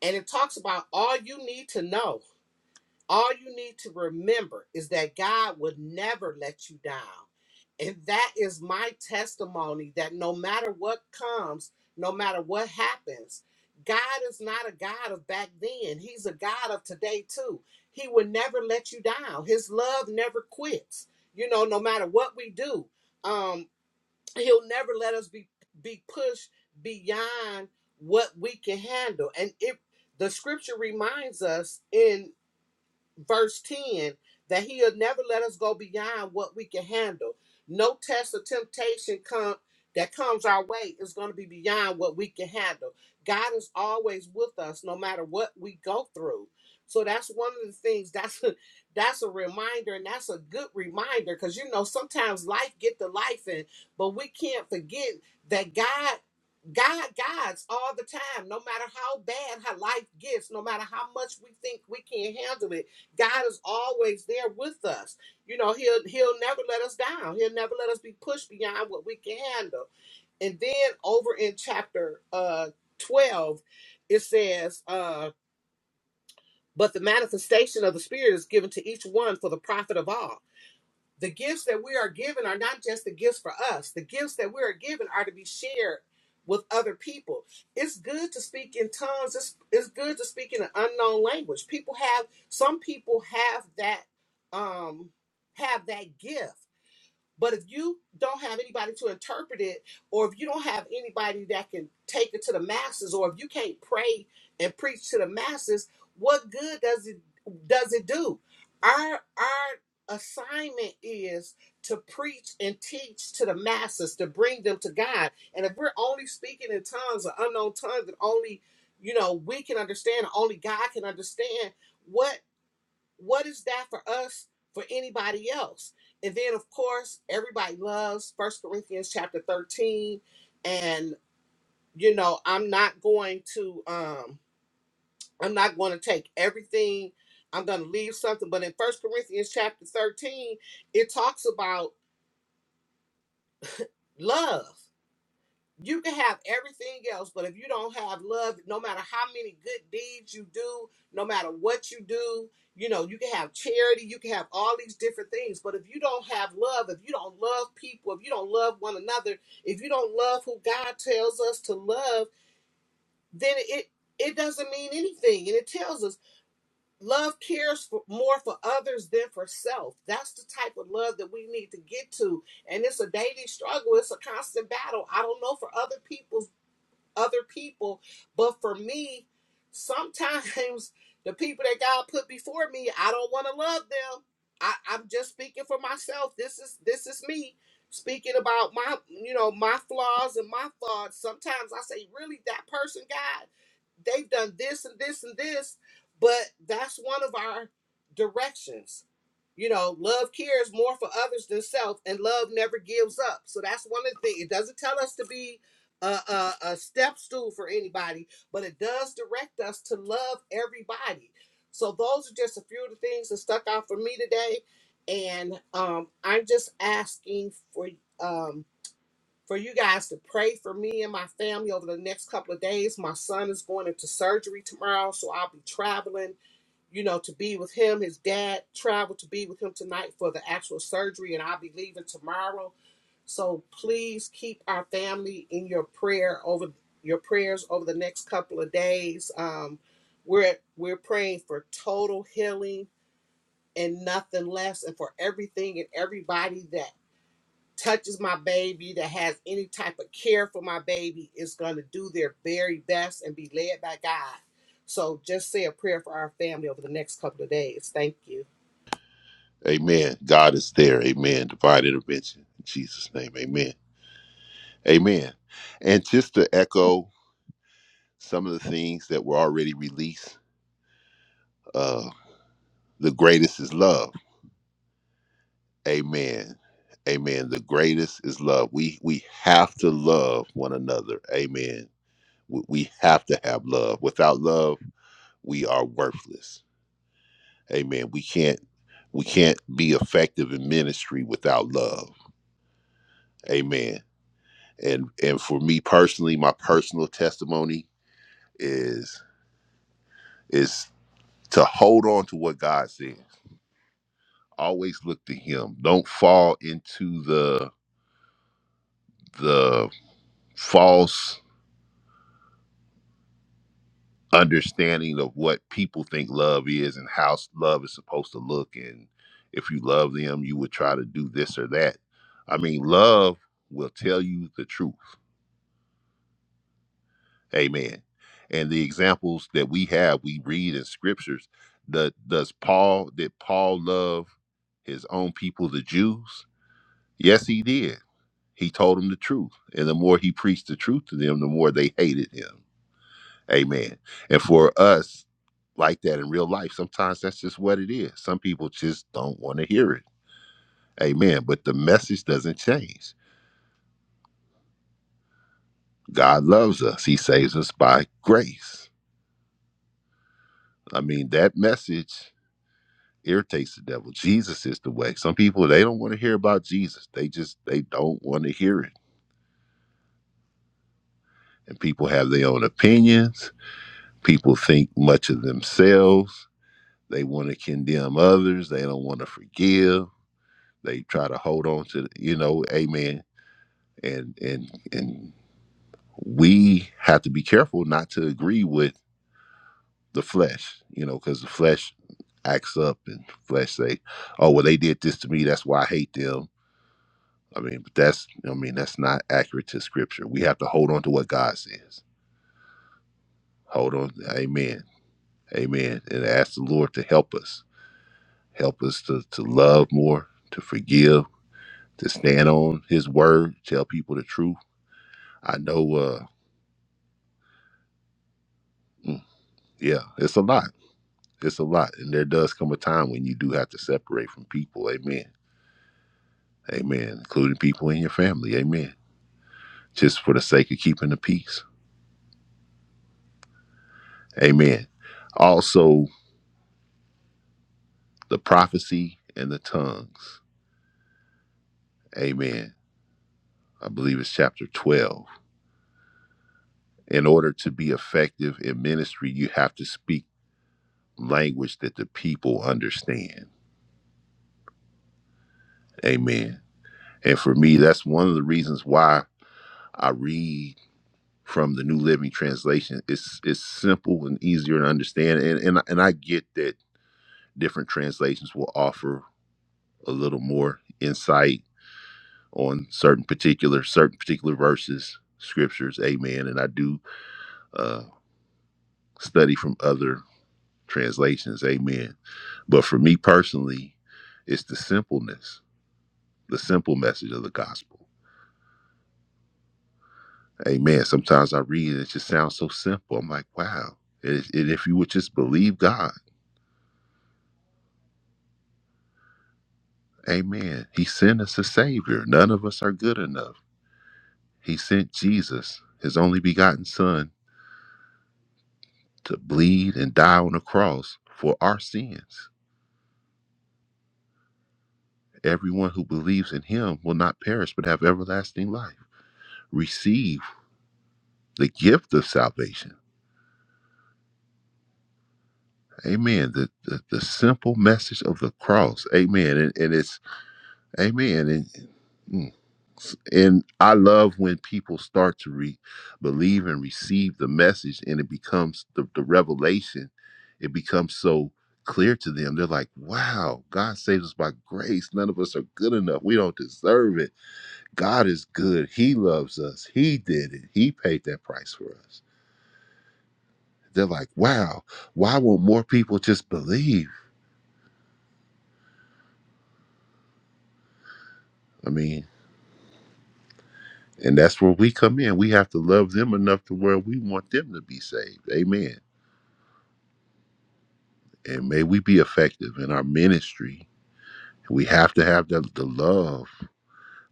And it talks about all you need to know all you need to remember is that God would never let you down. And that is my testimony that no matter what comes, no matter what happens, God is not a God of back then. He's a God of today too. He would never let you down. His love never quits. You know, no matter what we do, um, he'll never let us be be pushed beyond what we can handle. And it the scripture reminds us in verse 10 that he'll never let us go beyond what we can handle no test or temptation come that comes our way is going to be beyond what we can handle god is always with us no matter what we go through so that's one of the things that's a, that's a reminder and that's a good reminder because you know sometimes life get to life and but we can't forget that god God guides all the time, no matter how bad how life gets, no matter how much we think we can not handle it. God is always there with us. You know, he'll he'll never let us down. He'll never let us be pushed beyond what we can handle. And then over in chapter uh 12, it says, uh, but the manifestation of the spirit is given to each one for the profit of all the gifts that we are given are not just the gifts for us. The gifts that we are given are to be shared with other people. It's good to speak in tongues. It's, it's good to speak in an unknown language. People have some people have that um have that gift. But if you don't have anybody to interpret it, or if you don't have anybody that can take it to the masses, or if you can't pray and preach to the masses, what good does it does it do? Our our assignment is to preach and teach to the masses, to bring them to God. And if we're only speaking in tongues or unknown tongues that only you know we can understand, only God can understand, what what is that for us for anybody else and then of course everybody loves first corinthians chapter 13 and you know i'm not going to um i'm not going to take everything i'm going to leave something but in first corinthians chapter 13 it talks about love you can have everything else, but if you don't have love, no matter how many good deeds you do, no matter what you do, you know, you can have charity, you can have all these different things, but if you don't have love, if you don't love people, if you don't love one another, if you don't love who God tells us to love, then it it doesn't mean anything. And it tells us love cares for, more for others than for self. That's the type of love that we need to get to and it's a daily struggle. It's a constant battle. I don't know for other people's other people. But for me, sometimes the people that God put before me, I don't want to love them. I, I'm just speaking for myself. This is this is me speaking about my you know my flaws and my thoughts. Sometimes I say, really, that person, God, they've done this and this and this, but that's one of our directions. You know, love cares more for others than self, and love never gives up. So that's one of the things. It doesn't tell us to be a, a, a step stool for anybody, but it does direct us to love everybody. So those are just a few of the things that stuck out for me today, and um, I'm just asking for um, for you guys to pray for me and my family over the next couple of days. My son is going into surgery tomorrow, so I'll be traveling you know, to be with him. His dad traveled to be with him tonight for the actual surgery, and I'll be leaving tomorrow. So please keep our family in your prayer over your prayers over the next couple of days. Um, we're we're praying for total healing and nothing less, and for everything and everybody that touches my baby, that has any type of care for my baby, is going to do their very best and be led by God. So just say a prayer for our family over the next couple of days. Thank you.
Amen. God is there. Amen. Divine intervention. In Jesus' name. Amen. Amen. And just to echo some of the things that were already released, uh, the greatest is love Amen. Amen. The greatest is love. We we have to love one another. Amen. We, we have to have love. Without love, we are worthless. Amen. We can't we can't be effective in ministry without love. Amen. And and for me personally, my personal testimony is is to hold on to what God says. Always look to him. Don't fall into the the false understanding of what people think love is and how s- love is supposed to look and if you love them you would try to do this or that i mean love will tell you the truth amen and the examples that we have we read in scriptures that does paul did paul love his own people the jews yes he did he told them the truth and the more he preached the truth to them the more they hated him Amen. And for us, like that in real life, sometimes that's just what it is. Some people just don't want to hear it. Amen. But the message doesn't change. God loves us, He saves us by grace. I mean, that message irritates the devil. Jesus is the way. Some people, they don't want to hear about Jesus. They just, they don't want to hear it. And people have their own opinions. People think much of themselves. They want to condemn others. They don't want to forgive They try to hold on to, you know, amen. And and and we have to be careful not to agree with the flesh, you know, because the flesh acts up and flesh say, "Oh, well, they did this to me. That's why I hate them." I mean, but that's, I mean, that's not accurate to Scripture. We have to hold on to what God says. Hold on, Amen, Amen, and ask the Lord to help us, help us to to love more, to forgive, to stand on His word, tell people the truth. I know. uh Yeah, it's a lot. It's a lot. And there does come a time when you do have to separate from people. Amen. Amen. Including people in your family. Amen. Just for the sake of keeping the peace. Amen. Also, the prophecy and the tongues. Amen. I believe it's chapter 12. In order to be effective in ministry, you have to speak language that the people understand. Amen. And for me, that's one of the reasons why I read from the New Living Translation. It's it's simple and easier to understand, and and and I get that different translations will offer a little more insight on certain particular certain particular verses, scriptures. Amen. And I do uh, study from other translations. Amen. But for me personally, it's the simpleness, the simple message of the gospel. Amen. Sometimes I read it, it just sounds so simple. I'm like, wow. And if and if you would just believe God. Amen. He sent us a Savior. None of us are good enough. He sent Jesus, His only begotten Son, to bleed and die on the cross for our sins. Everyone who believes in Him will not perish but have everlasting life. Receive the gift of salvation. Amen. The, the, the simple message of the cross. Amen. And, and it's, Amen. And, and I love when people start to re- believe and receive the message, and it becomes the, the revelation. It becomes so clear to them. They're like, "Wow, God saves us by grace. None of us are good enough. We don't deserve it. God is good. He loves us. He did it. He paid that price for us." They're like, "Wow, why won't more people just believe?" I mean, and that's where we come in. We have to love them enough to where we want them to be saved. Amen. and may we be effective in our ministry. We have to have the, the love.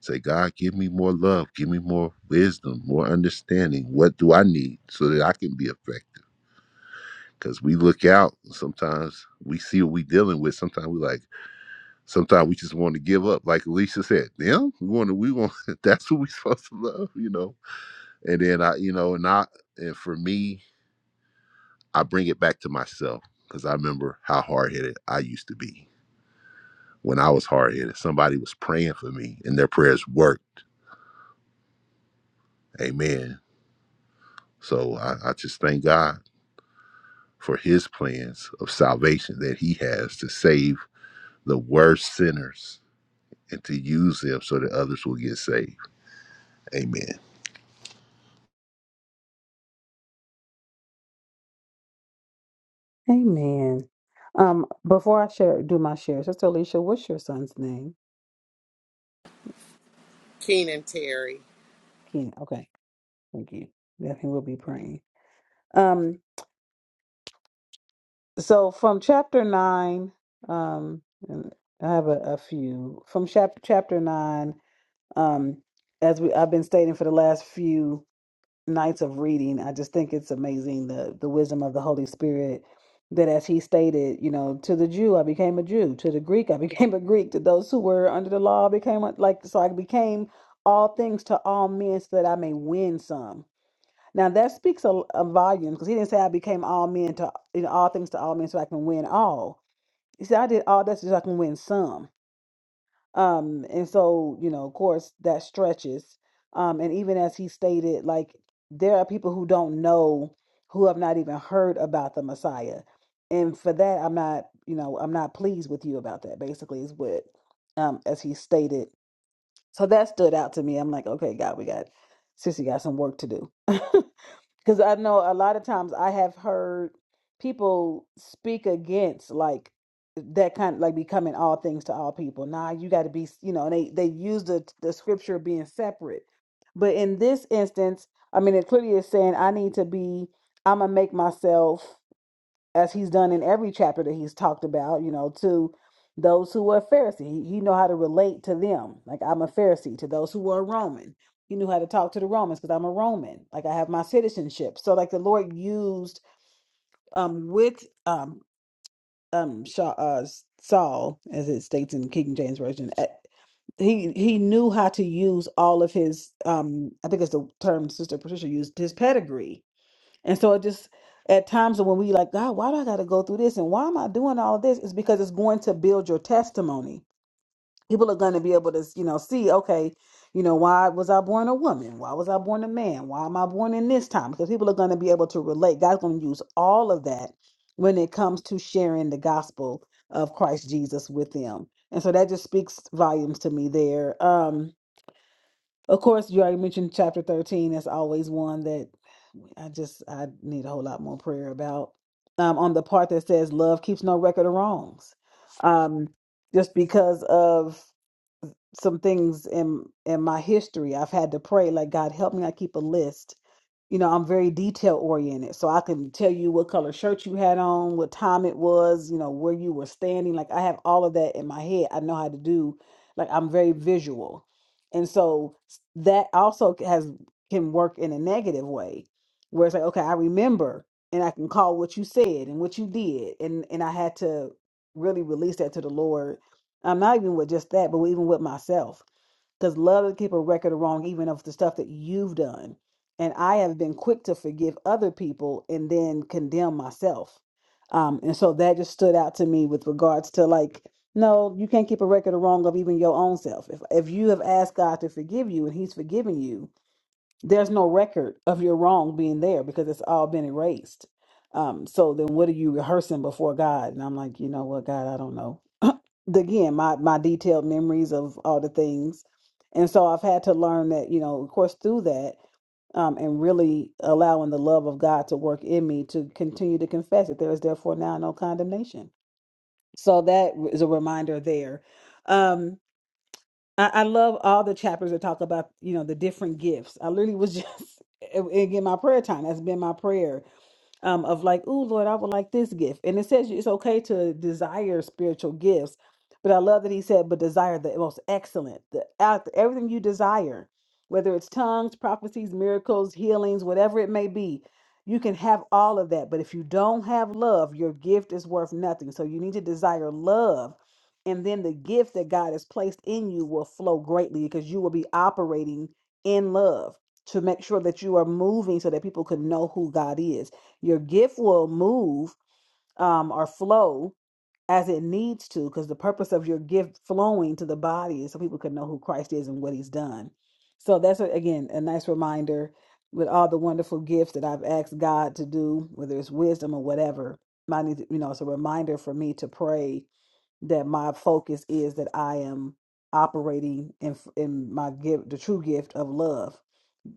Say, God, give me more love, give me more wisdom, more understanding. What do I need so that I can be effective? Because we look out, and sometimes we see what we're dealing with. Sometimes we like, sometimes we just want to give up. Like Alicia said, them, we want to, we want, that's what we're supposed to love, you know? And then I, you know, and I, and for me, I bring it back to myself because I remember how hard headed I used to be when I was hard headed, somebody was praying for me and their prayers worked. Amen. So I, I just thank God for his plans of salvation that he has to save the worst sinners and to use them so that others will get saved. Amen.
Amen. Um, before I share, do my share, Sister Alicia, what's your son's name?
Keenan Terry.
Kina. Okay. Thank you. Definitely will be praying. Um, so from chapter nine, um, and I have a, a few from chap- chapter nine. Um, as we I've been stating for the last few nights of reading, I just think it's amazing the the wisdom of the Holy Spirit. That as he stated, you know, to the Jew I became a Jew, to the Greek I became a Greek, to those who were under the law I became a- like so I became all things to all men so that I may win some Now that speaks a, a volume because he didn't say I became all men to you know all things to all men so I can win all. He said I did all that so I can win some. Um, and so you know, of course, that stretches. Um, and even as he stated, like there are people who don't know who have not even heard about the Messiah, and for that, I'm not you know I'm not pleased with you about that. Basically, is what um as he stated. So that stood out to me. I'm like, okay, God, we got sissy got some work to do. Because I know a lot of times I have heard people speak against like that kind like becoming all things to all people. Nah, you got to be, you know, and they they use the the scripture being separate. But in this instance, I mean, it clearly is saying I need to be. I'm gonna make myself as he's done in every chapter that he's talked about, you know, to those who were Pharisee. He, he know how to relate to them. Like I'm a Pharisee to those who were Roman. He knew how to talk to the Romans because I'm a Roman. Like I have my citizenship. So like the Lord used um with um um Sha uh, Saul, as it states in King James Version, uh, he he knew how to use all of his um I think it's the term Sister Patricia used his pedigree and so it just at times when we like, God, why do I gotta go through this? And why am I doing all this? It's because it's going to build your testimony. People are gonna be able to, you know, see, okay, you know, why was I born a woman? Why was I born a man? Why am I born in this time? Because people are gonna be able to relate. God's gonna use all of that when it comes to sharing the gospel of Christ Jesus with them. And so that just speaks volumes to me there. Um, of course, you already mentioned chapter 13. That's always one that. I just I need a whole lot more prayer about um on the part that says love keeps no record of wrongs. Um just because of some things in in my history, I've had to pray like God help me I keep a list you know, I'm very detail oriented. So I can tell you what color shirt you had on, what time it was, you know, where you were standing. Like I have all of that in my head. I know how to do, like I'm very visual. And so s- that also c- has can work in a negative way where it's like, okay, I remember and I can call what you said and what you did. And and I had to really release that to the Lord. I'm not even with just that, but even with myself because love doesn't keep a record of wrong, even of the stuff that you've done. And I have been quick to forgive other people and then condemn myself. Um, and so that just stood out to me with regards to like, no, you can't keep a record of wrong of even your own self. If if you have asked God to forgive you and He's forgiven you, there's no record of your wrong being there because it's all been erased. Um, so then what are you rehearsing before God? And I'm like, you know what, God, I don't know the- again my my detailed memories of all the things and so i've had to learn that you know of course through that um, and really allowing the love of god to work in me to continue to confess that there is therefore now no condemnation so that is a reminder there um I, I love all the chapters that talk about you know the different gifts i literally was just again my prayer time that's been my prayer um, of like, oh Lord, I would like this gift. And it says it's okay to desire spiritual gifts, but I love that he said, but desire the most excellent, the out everything you desire, whether it's tongues, prophecies, miracles, healings, whatever it may be. You can have all of that, but if you don't have love, your gift is worth nothing. So you need to desire love, and then the gift that God has placed in you will flow greatly because you will be operating in love to make sure that you are moving so that people can know who God is your gift will move um, or flow as it needs to, because the purpose of your gift flowing to the body is so people can know who Christ is and what He's done. So that's a, again a nice reminder with all the wonderful gifts that I've asked God to do, whether it's wisdom or whatever. I need, you know, it's a reminder for me to pray that my focus is that I am operating in in my gift, the true gift of love,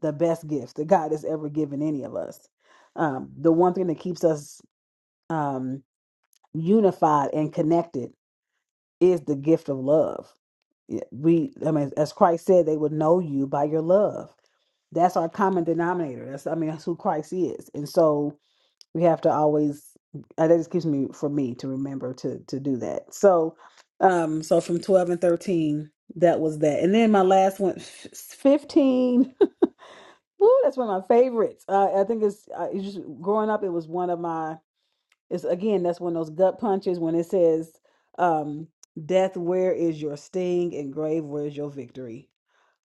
the best gift that God has ever given any of us. Um, the one thing that keeps us um, unified and connected is the gift of love. Yeah, We, I mean, as Christ said, they would know you by your love. That's our common denominator. That's, I mean, that's who Christ is. And so, we have to always uh, that excuse me for me to remember to to do that so um so from 12 and 13 that was that and then my last one f- 15 Woo, that's one of my favorites uh, i think it's, uh, it's just growing up it was one of my it's again that's one of those gut punches when it says um death where is your sting and grave where is your victory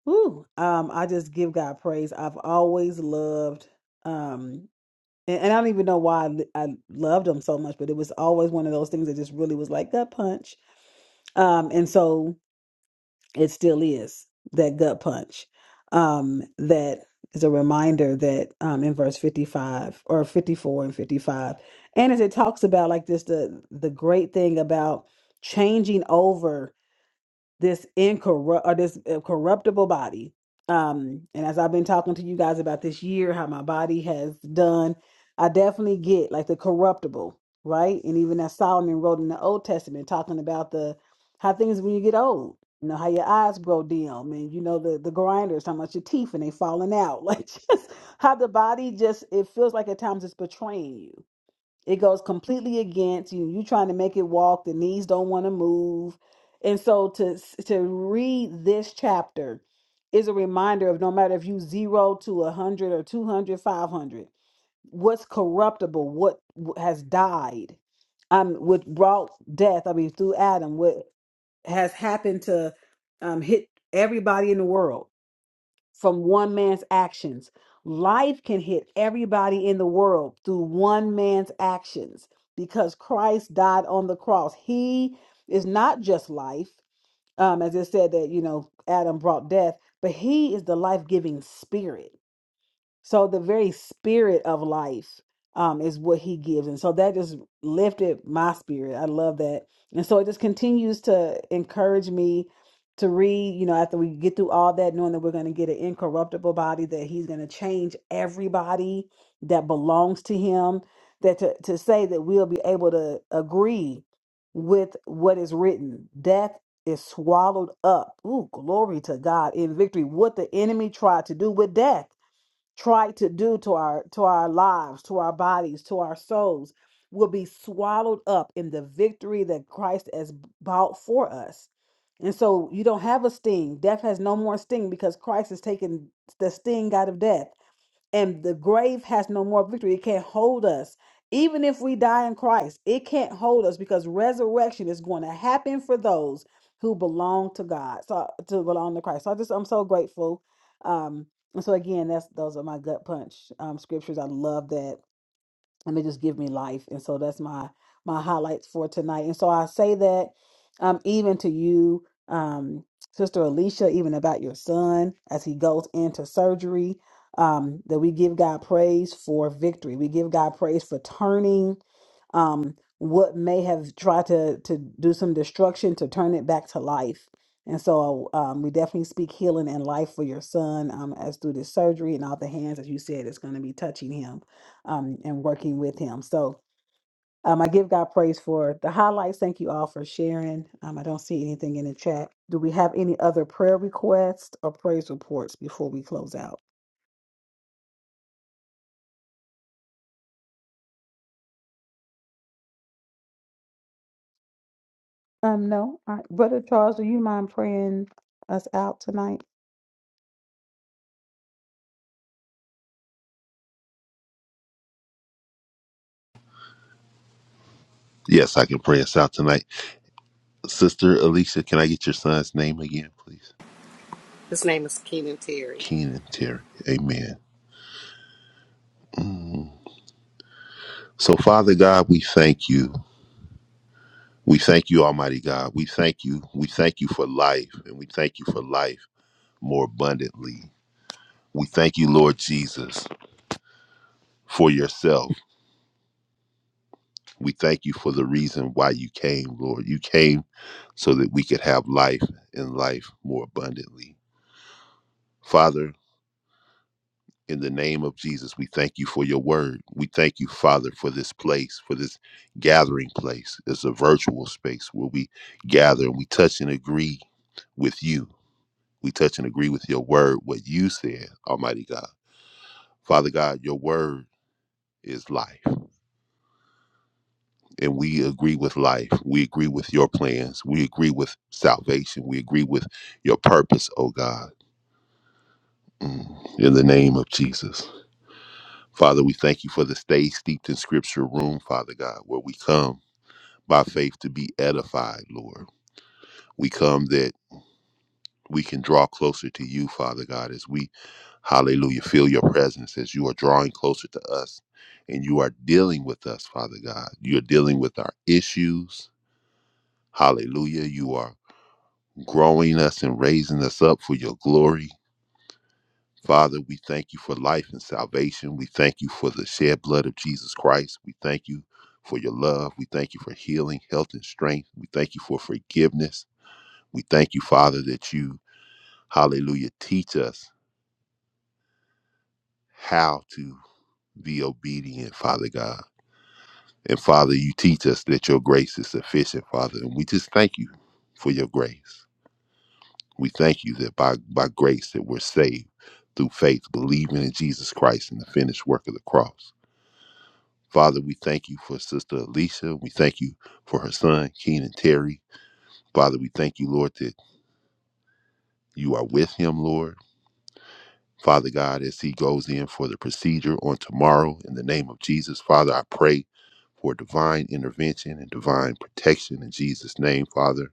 Woo. um i just give god praise i've always loved Um and, and I don't even know why I, I loved them so much, but it was always one of those things that just really was like gut punch. Um, and so it still is that gut punch. Um, that is a reminder that um, in verse fifty five or fifty four and fifty five, and as it talks about like this, the the great thing about changing over this incorrupt or this uh, corruptible body. Um, and as I've been talking to you guys about this year, how my body has done, I definitely get like the corruptible, right? And even as Solomon wrote in the Old Testament, talking about the how things when you get old, you know how your eyes grow dim, and you know the the grinders, how much your teeth and they falling out, like just how the body just it feels like at times it's betraying you it goes completely against you. You trying to make it walk, the knees don't want to move. And so to to read this chapter is a reminder of no matter if you 0 to 100 or 200 500, what's corruptible, what has died, um what brought death, I mean through Adam, what has happened to um hit everybody in the world from one man's actions. Life can hit everybody in the world through one man's actions because Christ died on the cross. He is not just life, um, as it said that, you know, Adam brought death, but he is the life giving spirit. So the very spirit of life um, is what he gives. And so that just lifted my spirit. I love that. And so it just continues to encourage me to read, you know, after we get through all that, knowing that we're going to get an incorruptible body, that he's going to change everybody that belongs to him, that to, to say that we'll be able to agree with what is written. Death is swallowed up. Ooh, glory to God in victory. What the enemy tried to do with death try to do to our to our lives to our bodies to our souls will be swallowed up in the victory that christ has b- bought for us and so you don't have a sting death has no more sting because christ has taken the sting out of death and the grave has no more victory. It can't hold us. Even if we die in Christ, it can't hold us because resurrection is going to happen for those who belong to God. So to belong to Christ. So I just I'm so grateful. Um, and so again, that's those are my gut punch um, scriptures. I love that and they just give me life. And so that's my my highlights for tonight. And so I say that um even to you, um, Sister Alicia, even about your son as he goes into surgery, um, that we give God praise for victory. We give God praise for turning um what may have tried to to do some destruction to turn it back to life. And so um, we definitely speak healing and life for your son um, as through this surgery and all the hands, as you said, is going to be touching him um, and working with Him. So um, I give God praise for the highlights. Thank you all for sharing. Um, I don't see anything in the chat. Do we have any other prayer requests or praise reports before we close out? Um, no. All right. Brother Charles, do you mind praying us out tonight?
Yes, I can pray us out tonight. Sister Alicia, can I get your son's name again, please?
His name is Keenan Terry.
Keenan Terry. Amen. So, Father God, we thank you. We thank you, Almighty God. We thank you. We thank you for life, and we thank you for life. more abundantly. We thank you, Lord Jesus, for yourself. We thank you for the reason why you came, Lord. You came so that we could have life and life more abundantly. Father, in the name of Jesus, we thank you for your word. We thank you, Father, for this place, for this gathering place. It's a virtual space where we gather and we touch and agree with you. We touch and agree with your word, what you said, Almighty God. Father God, your word is life. and we agree with life. We agree with your plans. We agree with salvation. We agree with your purpose, oh God. Mm. In the name of Jesus. Father, we thank you for the stay steeped in scripture room, Father God, where we come by faith to be edified, Lord. We come that we can draw closer to you, Father God, as we, hallelujah, feel your presence, as you are drawing closer to us and you are dealing with us, Father God. You're dealing with our issues. Hallelujah. You are growing us and raising us up for your glory. Father, we thank you for life and salvation. We thank you for the shed blood of Jesus Christ. We thank you for your love. We thank you for healing, health, and strength. We thank you for forgiveness. We thank you, Father, that you, hallelujah, teach us how to be obedient, Father God. And Father, you teach us that your grace is sufficient, Father. And we just thank you for your grace. We thank you that by, by grace that we're saved through faith, believing in Jesus Christ and the finished work of the cross. Father, we thank you for Sister Alicia. We thank you for her son, Keenan Terry. Father, we thank you, Lord, that you are with him, Lord. Father God, as he goes in for the procedure on tomorrow, in the name of Jesus, Father, I pray for divine intervention and divine protection in Jesus' name, Father.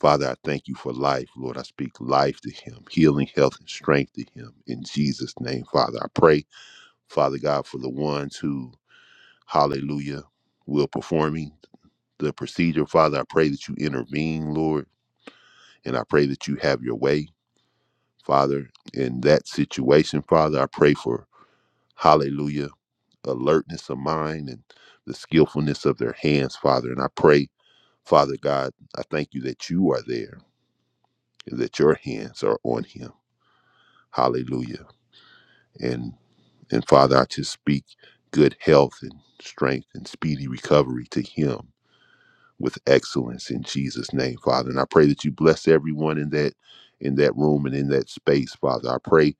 Father, I thank you for life. Lord, I speak life to him, healing, health, and strength to him. In Jesus' name, Father, I pray, Father God, for the ones who, hallelujah, will performing the procedure. Father, I pray that you intervene, Lord, and I pray that you have your way, Father, in that situation. Father, I pray for, hallelujah, alertness of mind and the skillfulness of their hands, Father. And I pray, Father God, I thank you that you are there and that your hands are on him. Hallelujah. And and Father, I just speak good health and strength and speedy recovery to him with excellence in Jesus' name, Father. And I pray that you bless everyone in that in that room and in that space, Father. I pray,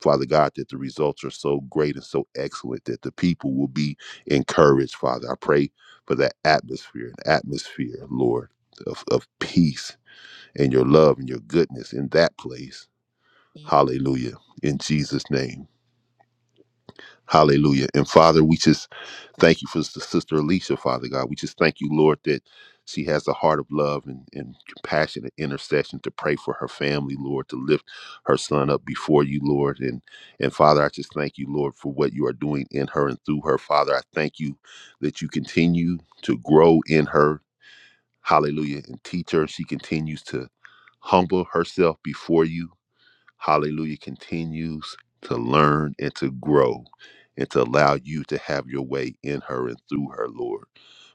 Father God, that the results are so great and so excellent that the people will be encouraged, Father. I pray for that atmosphere, an atmosphere, Lord, of, of peace and your love and your goodness in that place. Hallelujah. In Jesus' name. Hallelujah. And Father, we just thank you for the sister Alicia, Father God. We just thank you, Lord, that she has a heart of love and, and compassion and intercession to pray for her family, Lord, to lift her son up before you, Lord. And and Father, I just thank you, Lord, for what you are doing in her and through her. Father, I thank you that you continue to grow in her. Hallelujah. And teach her. She continues to humble herself before you. Hallelujah continues to learn and to grow and to allow you to have your way in her and through her, Lord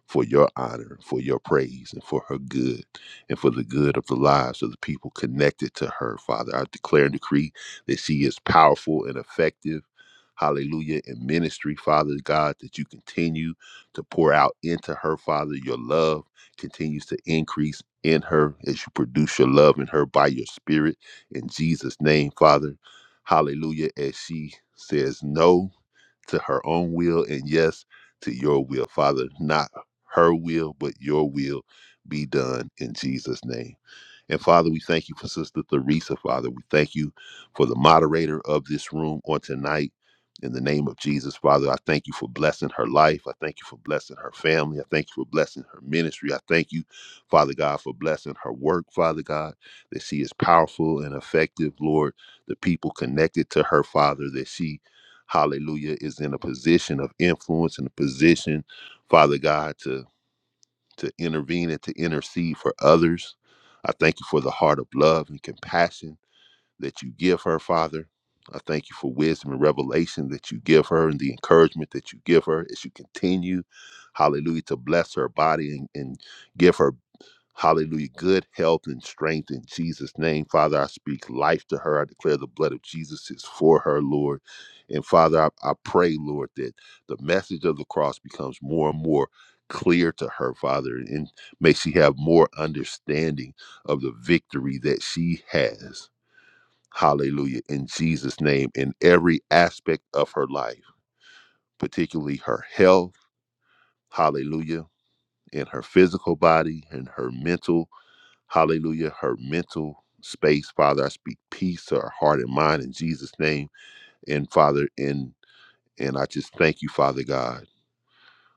for your honor, for your praise, and for her good, and for the good of the lives of the people connected to her, Father. I declare and decree that she is powerful and effective. Hallelujah. In ministry, Father God, that you continue to pour out into her, Father. Your love continues to increase in her as you produce your love in her by your spirit. In Jesus' name, Father. Hallelujah. As she says no to her own will and yes to your will father not her will but your will be done in jesus name and father we thank you for sister theresa father we thank you for the moderator of this room on tonight in the name of jesus father i thank you for blessing her life i thank you for blessing her family i thank you for blessing her ministry i thank you father god for blessing her work father god that she is powerful and effective lord the people connected to her father that she hallelujah, is in a position of influence and a position, Father God, to to intervene and to intercede for others. I thank you for the heart of love and compassion that you give her, Father. I thank you for wisdom and revelation that you give her and the encouragement that you give her as you continue, hallelujah, to bless her body and, and give her Hallelujah. Good health and strength in Jesus' name. Father, I speak life to her. I declare the blood of Jesus is for her, Lord. And Father, I, I pray, Lord, that the message of the cross becomes more and more clear to her, Father, and may she have more understanding of the victory that she has. Hallelujah. In Jesus' name, in every aspect of her life, particularly her health. Hallelujah. In her physical body, in her mental Hallelujah. Her mental space, Father, I speak peace to her heart and mind in Jesus' name. And Father, and and I just thank you, Father God.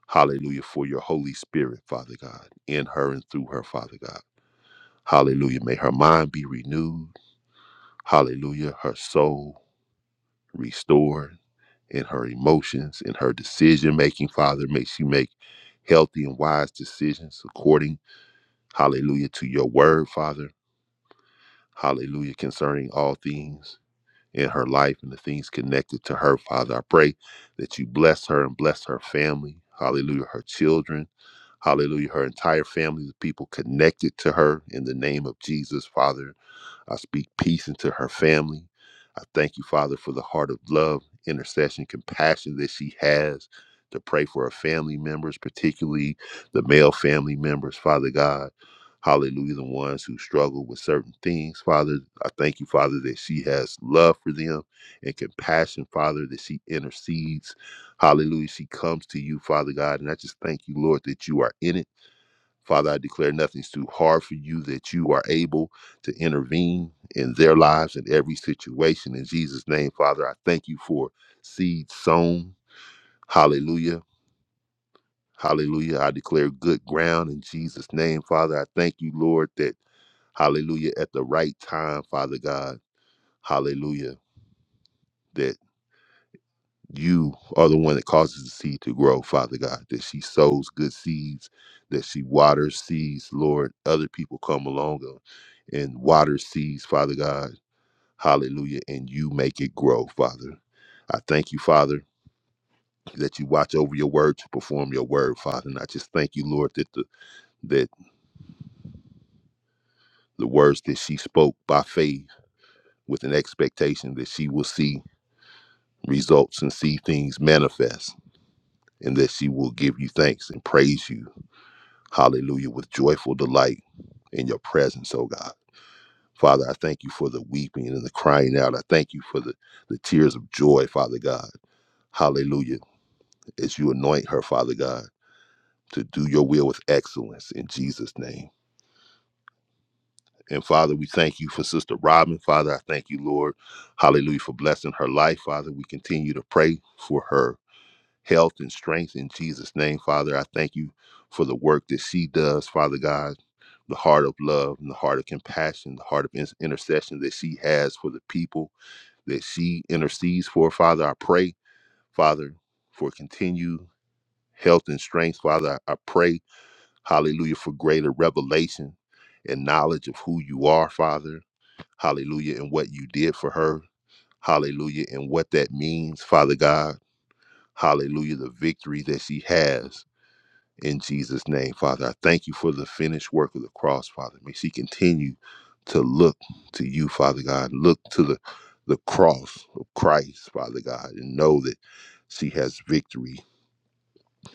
Hallelujah for your Holy Spirit, Father God, in her and through her, Father God. Hallelujah. May her mind be renewed. Hallelujah. Her soul restored in her emotions, in her decision making, Father. May she make healthy and wise decisions according, hallelujah, to your word, Father. Hallelujah, concerning all things. in her life and the things connected to her, Father. I pray that you bless her and bless her family. Hallelujah, her children. Hallelujah, her entire family, the people connected to her in the name of Jesus, Father. I speak peace into her family. I thank you, Father, for the heart of love, intercession, compassion that she has to pray for her family members, particularly the male family members, Father God. Hallelujah, the ones who struggle with certain things, Father. I thank you, Father, that she has love for them and compassion, Father, that she intercedes. Hallelujah, she comes to you, Father God. And I just thank you, Lord, that you are in it Father, I declare nothing's too hard for you, that you are able to intervene in their lives in every situation. In Jesus' name, Father, I thank you for seed sown. Hallelujah. Hallelujah. I declare good ground in Jesus' name, Father. I thank you, Lord, that, hallelujah, at the right time, Father God, hallelujah, that. you are the one that causes the seed to grow, Father God, that she sows good seeds, that she waters seeds, Lord. Other people come along and and water seeds, Father God. Hallelujah. And you make it grow, Father. I thank you, Father, that you watch over your word to perform your word, Father. And I just thank you, Lord, that the that the words that she spoke by faith with an expectation that she will see results and see things manifest and that she will give you thanks and praise you hallelujah, with joyful delight in your presence, oh God. Father, I thank you for the weeping and the crying out. I thank you for the, the tears of joy, Father God. Hallelujah. As you anoint her, Father God, to do your will with excellence in Jesus' name. And Father, we thank you for Sister Robin. Father, I thank you, Lord. Hallelujah, for blessing her life. Father, we continue to pray for her health and strength in Jesus' name. Father, I thank you for the work that she does, Father God the heart of love and the heart of compassion, the heart of in- intercession that she has for the people that she intercedes for. Father, I pray, Father, for continued health and strength. Father, I I pray, hallelujah, for greater revelation and knowledge of who you are, Father, hallelujah, and what you did for her, hallelujah, and what that means, Father God, hallelujah, the victory that she has in Jesus' name. Father, I thank you for the finished work of the cross, Father. May she continue to look to you, Father God. Look to the, the cross of Christ, Father God, and know that she has victory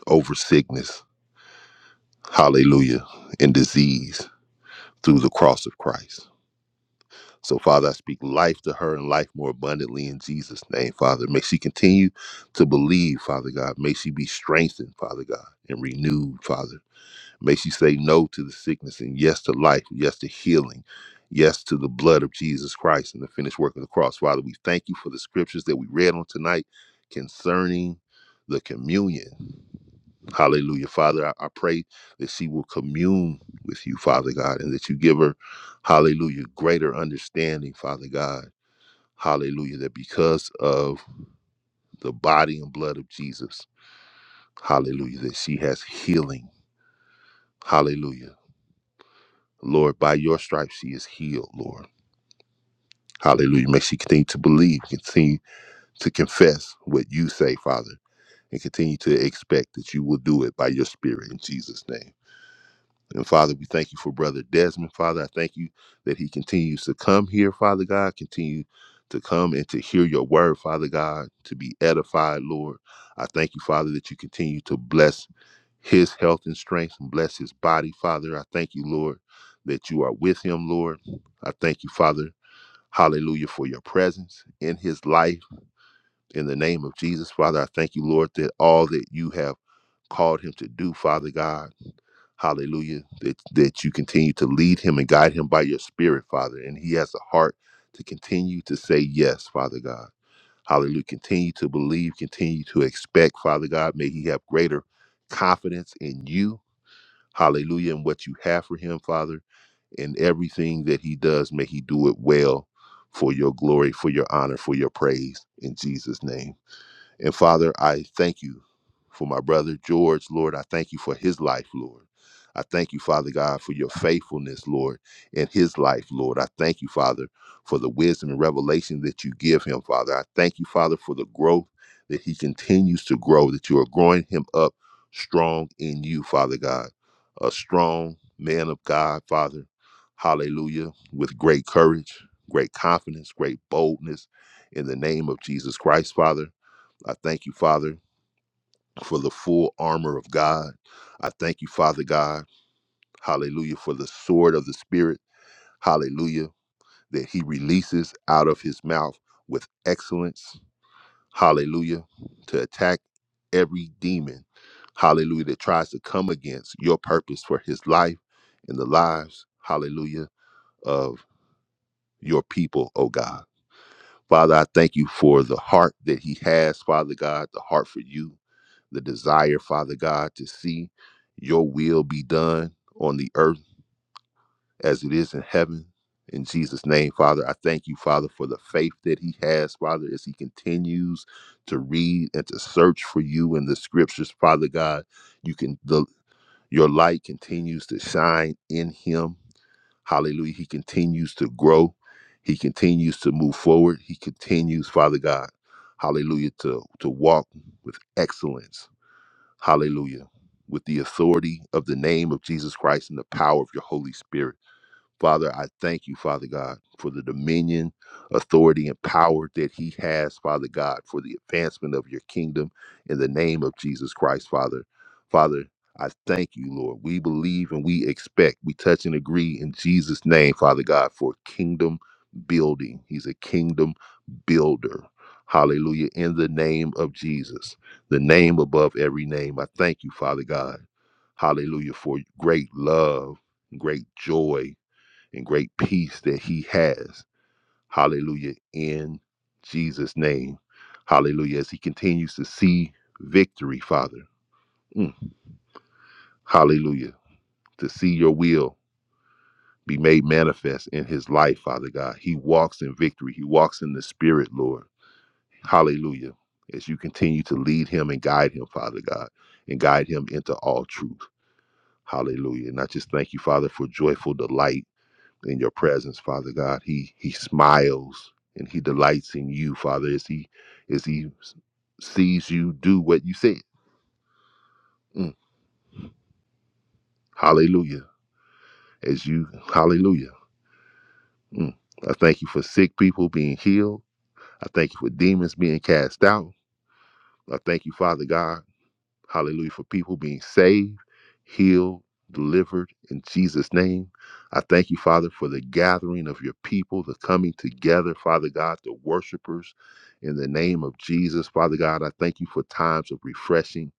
over sickness, hallelujah, and disease through the cross of Christ. So, Father, I speak life to her and life more abundantly in Jesus' name, Father. May she continue to believe, Father God. May she be strengthened, Father God, and renewed, Father. May she say no to the sickness and yes to life, yes to healing, yes to the blood of Jesus Christ and the finished work of the cross. Father, we thank you for the scriptures that we read on tonight concerning the communion. Hallelujah. Father, I, I pray that she will commune with you, Father God, and that you give her, hallelujah, greater understanding, Father God. Hallelujah. That because of the body and blood of Jesus, hallelujah, that she has healing. Hallelujah Lord, by your stripes she is healed, Lord. Hallelujah. Make she continue to believe, continue to confess what you say, Father, and continue to expect that you will do it by your spirit in Jesus' name. And Father, we thank you for Brother Desmond, Father. I thank you that he continues to come here, Father God, continue to come and to hear your word, Father God, to be edified, Lord. I thank you, Father, that you continue to bless his health and strength and bless his body, Father. I thank you, Lord, that you are with him, Lord. I thank you, Father. Hallelujah for your presence in his life. In the name of Jesus, Father, I thank you, Lord, that all that you have called him to do, Father God, hallelujah, that, that you continue to lead him and guide him by your spirit, Father. And he has a heart to continue to say yes, Father God. Hallelujah. Continue to believe, continue to expect, Father God. May he have greater confidence in you Hallelujah. And what you have for him, Father, and everything that he does, may he do it well for your glory, for your honor, for your praise. In Jesus' name. And Father, I thank you for my brother George, Lord. I thank you for his life, Lord. I thank you, Father God, for your faithfulness, Lord, in his life, Lord. I thank you, Father, for the wisdom and revelation that you give him, Father. I thank you, Father, for the growth that he continues to grow, that you are growing him up strong in you, Father God. A strong man of God, Father. Hallelujah. With great courage, great confidence, great boldness in the name of Jesus Christ, Father. I thank you, Father, for the full armor of God. I thank you, Father God, hallelujah, for the sword of the Spirit, hallelujah, that He releases out of His mouth with excellence, hallelujah, to attack every demon, hallelujah, that tries to come against your purpose for His life and the lives, hallelujah, of your people, oh God. Father, I thank you for the heart that he has, Father God, the heart for you, the desire, Father God, to see your will be done on the earth as it is in heaven. In Jesus' name, Father, I thank you, Father, for the faith that he has, Father, as he continues to read and to search for you in the scriptures, Father God. You can the your light continues to shine in him Hallelujah. He continues to grow. He continues to move forward. He continues, Father God, hallelujah, to, to walk with excellence. Hallelujah. With the authority of the name of Jesus Christ and the power of your Holy Spirit. Father, I thank you, Father God, for the dominion, authority, and power that He has, Father God, for the advancement of your kingdom in the name of Jesus Christ, Father. Father, I thank you, Lord. We believe and we expect, we touch and agree in Jesus' name, Father God, for kingdom building. He's a kingdom builder. Hallelujah. In the name of Jesus, the name above every name, I thank you, Father God. Hallelujah, for great love, great joy and great peace that he has. Hallelujah. In Jesus' name. Hallelujah. As he continues to see victory, Father. Mm. Hallelujah. To see your will be made manifest in his life, Father God. He walks in victory. He walks in the spirit, Lord. Hallelujah. As you continue to lead him and guide him, Father God, and guide him into all truth. Hallelujah. And I just thank you, Father, for joyful delight in your presence, Father God. He he smiles and he delights in you, Father, as he as he sees you do what you said. Mm. Hallelujah. As you hallelujah. Mm. I thank you for sick people being healed. I thank you for demons being cast out. I thank you, Father God. Hallelujah. For people being saved, healed, delivered in Jesus' name. I thank you, Father, for the gathering of your people, the coming together, Father God, the worshipers in the name of Jesus. Father God, I thank you for times of refreshing.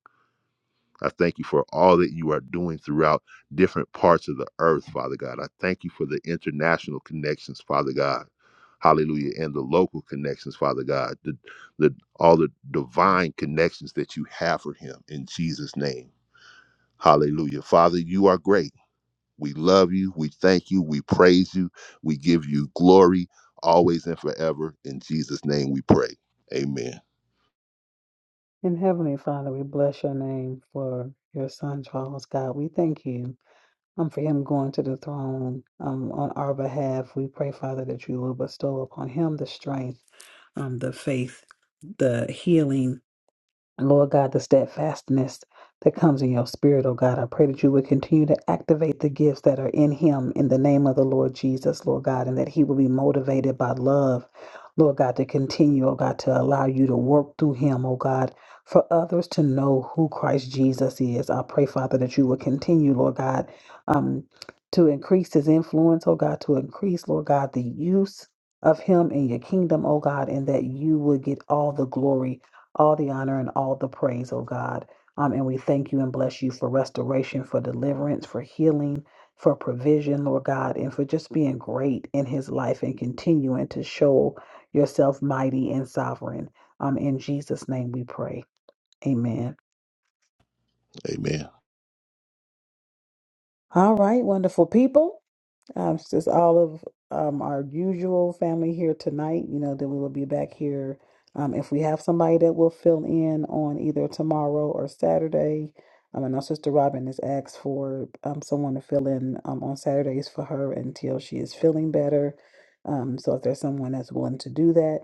I thank you for all that you are doing throughout different parts of the earth, Father God. I thank you for the international connections, Father God. Hallelujah. And the local connections, Father God. The, the all the divine connections that you have for him in Jesus' name. Hallelujah. Father, you are great. We love you. We thank you. We praise you. We give you glory always and forever. In Jesus' name we pray. Amen.
In Heavenly Father, we bless your name for your son, Charles. God, we thank you. um, for him going to the throne um, on our behalf. We pray, Father, that you will bestow upon him the strength, um, the faith, the healing. And Lord God, the steadfastness that comes in your spirit, oh God, I pray that you would continue to activate the gifts that are in him in the name of the Lord Jesus, Lord God, and that he will be motivated by love, Lord God, to continue, oh God, to allow you to work through him, oh God, for others to know who Christ Jesus is. I pray, Father, that you will continue, Lord God, um, to increase his influence, oh God, to increase, Lord God, the use of him in your kingdom, oh God, and that you would get all the glory all the honor and all the praise, oh God. Um, and we thank you and bless you for restoration, for deliverance, for healing, for provision, Lord God, and for just being great in his life and continuing to show yourself mighty and sovereign. Um, in Jesus' name we pray. Amen.
Amen.
All right, wonderful people. Um, it's just all of um, our usual family here tonight. You know, then we will be back here. Um, if we have somebody that will fill in on either tomorrow or Saturday, um, and our sister Robin has asked for um, someone to fill in um, on Saturdays for her until she is feeling better. Um, so if there's someone that's willing to do that,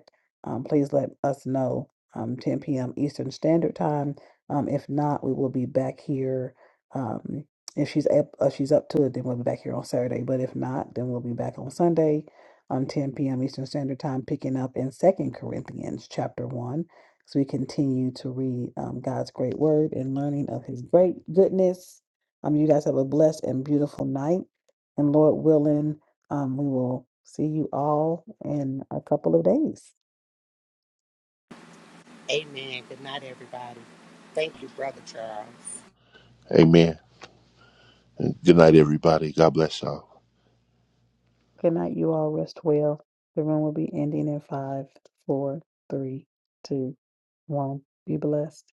um, please let us know. Um, 10 p.m. Eastern Standard Time. Um, if not, we will be back here. Um, if she's up, uh, she's up to it, then we'll be back here on Saturday. But if not, then we'll be back on Sunday, um, 10 p.m. Eastern Standard Time, picking up in Second Corinthians chapter one, as we continue to read um, God's great word and learning of His great goodness. Um, you guys have a blessed and beautiful night, and Lord willing, um, we will see you all in a couple of days.
Amen. Good night, everybody. Thank you, Brother Charles.
Amen. And good night, everybody. God bless y'all.
Good night, you all. Rest well. The room will be ending in five, four, three, two, one. Be blessed.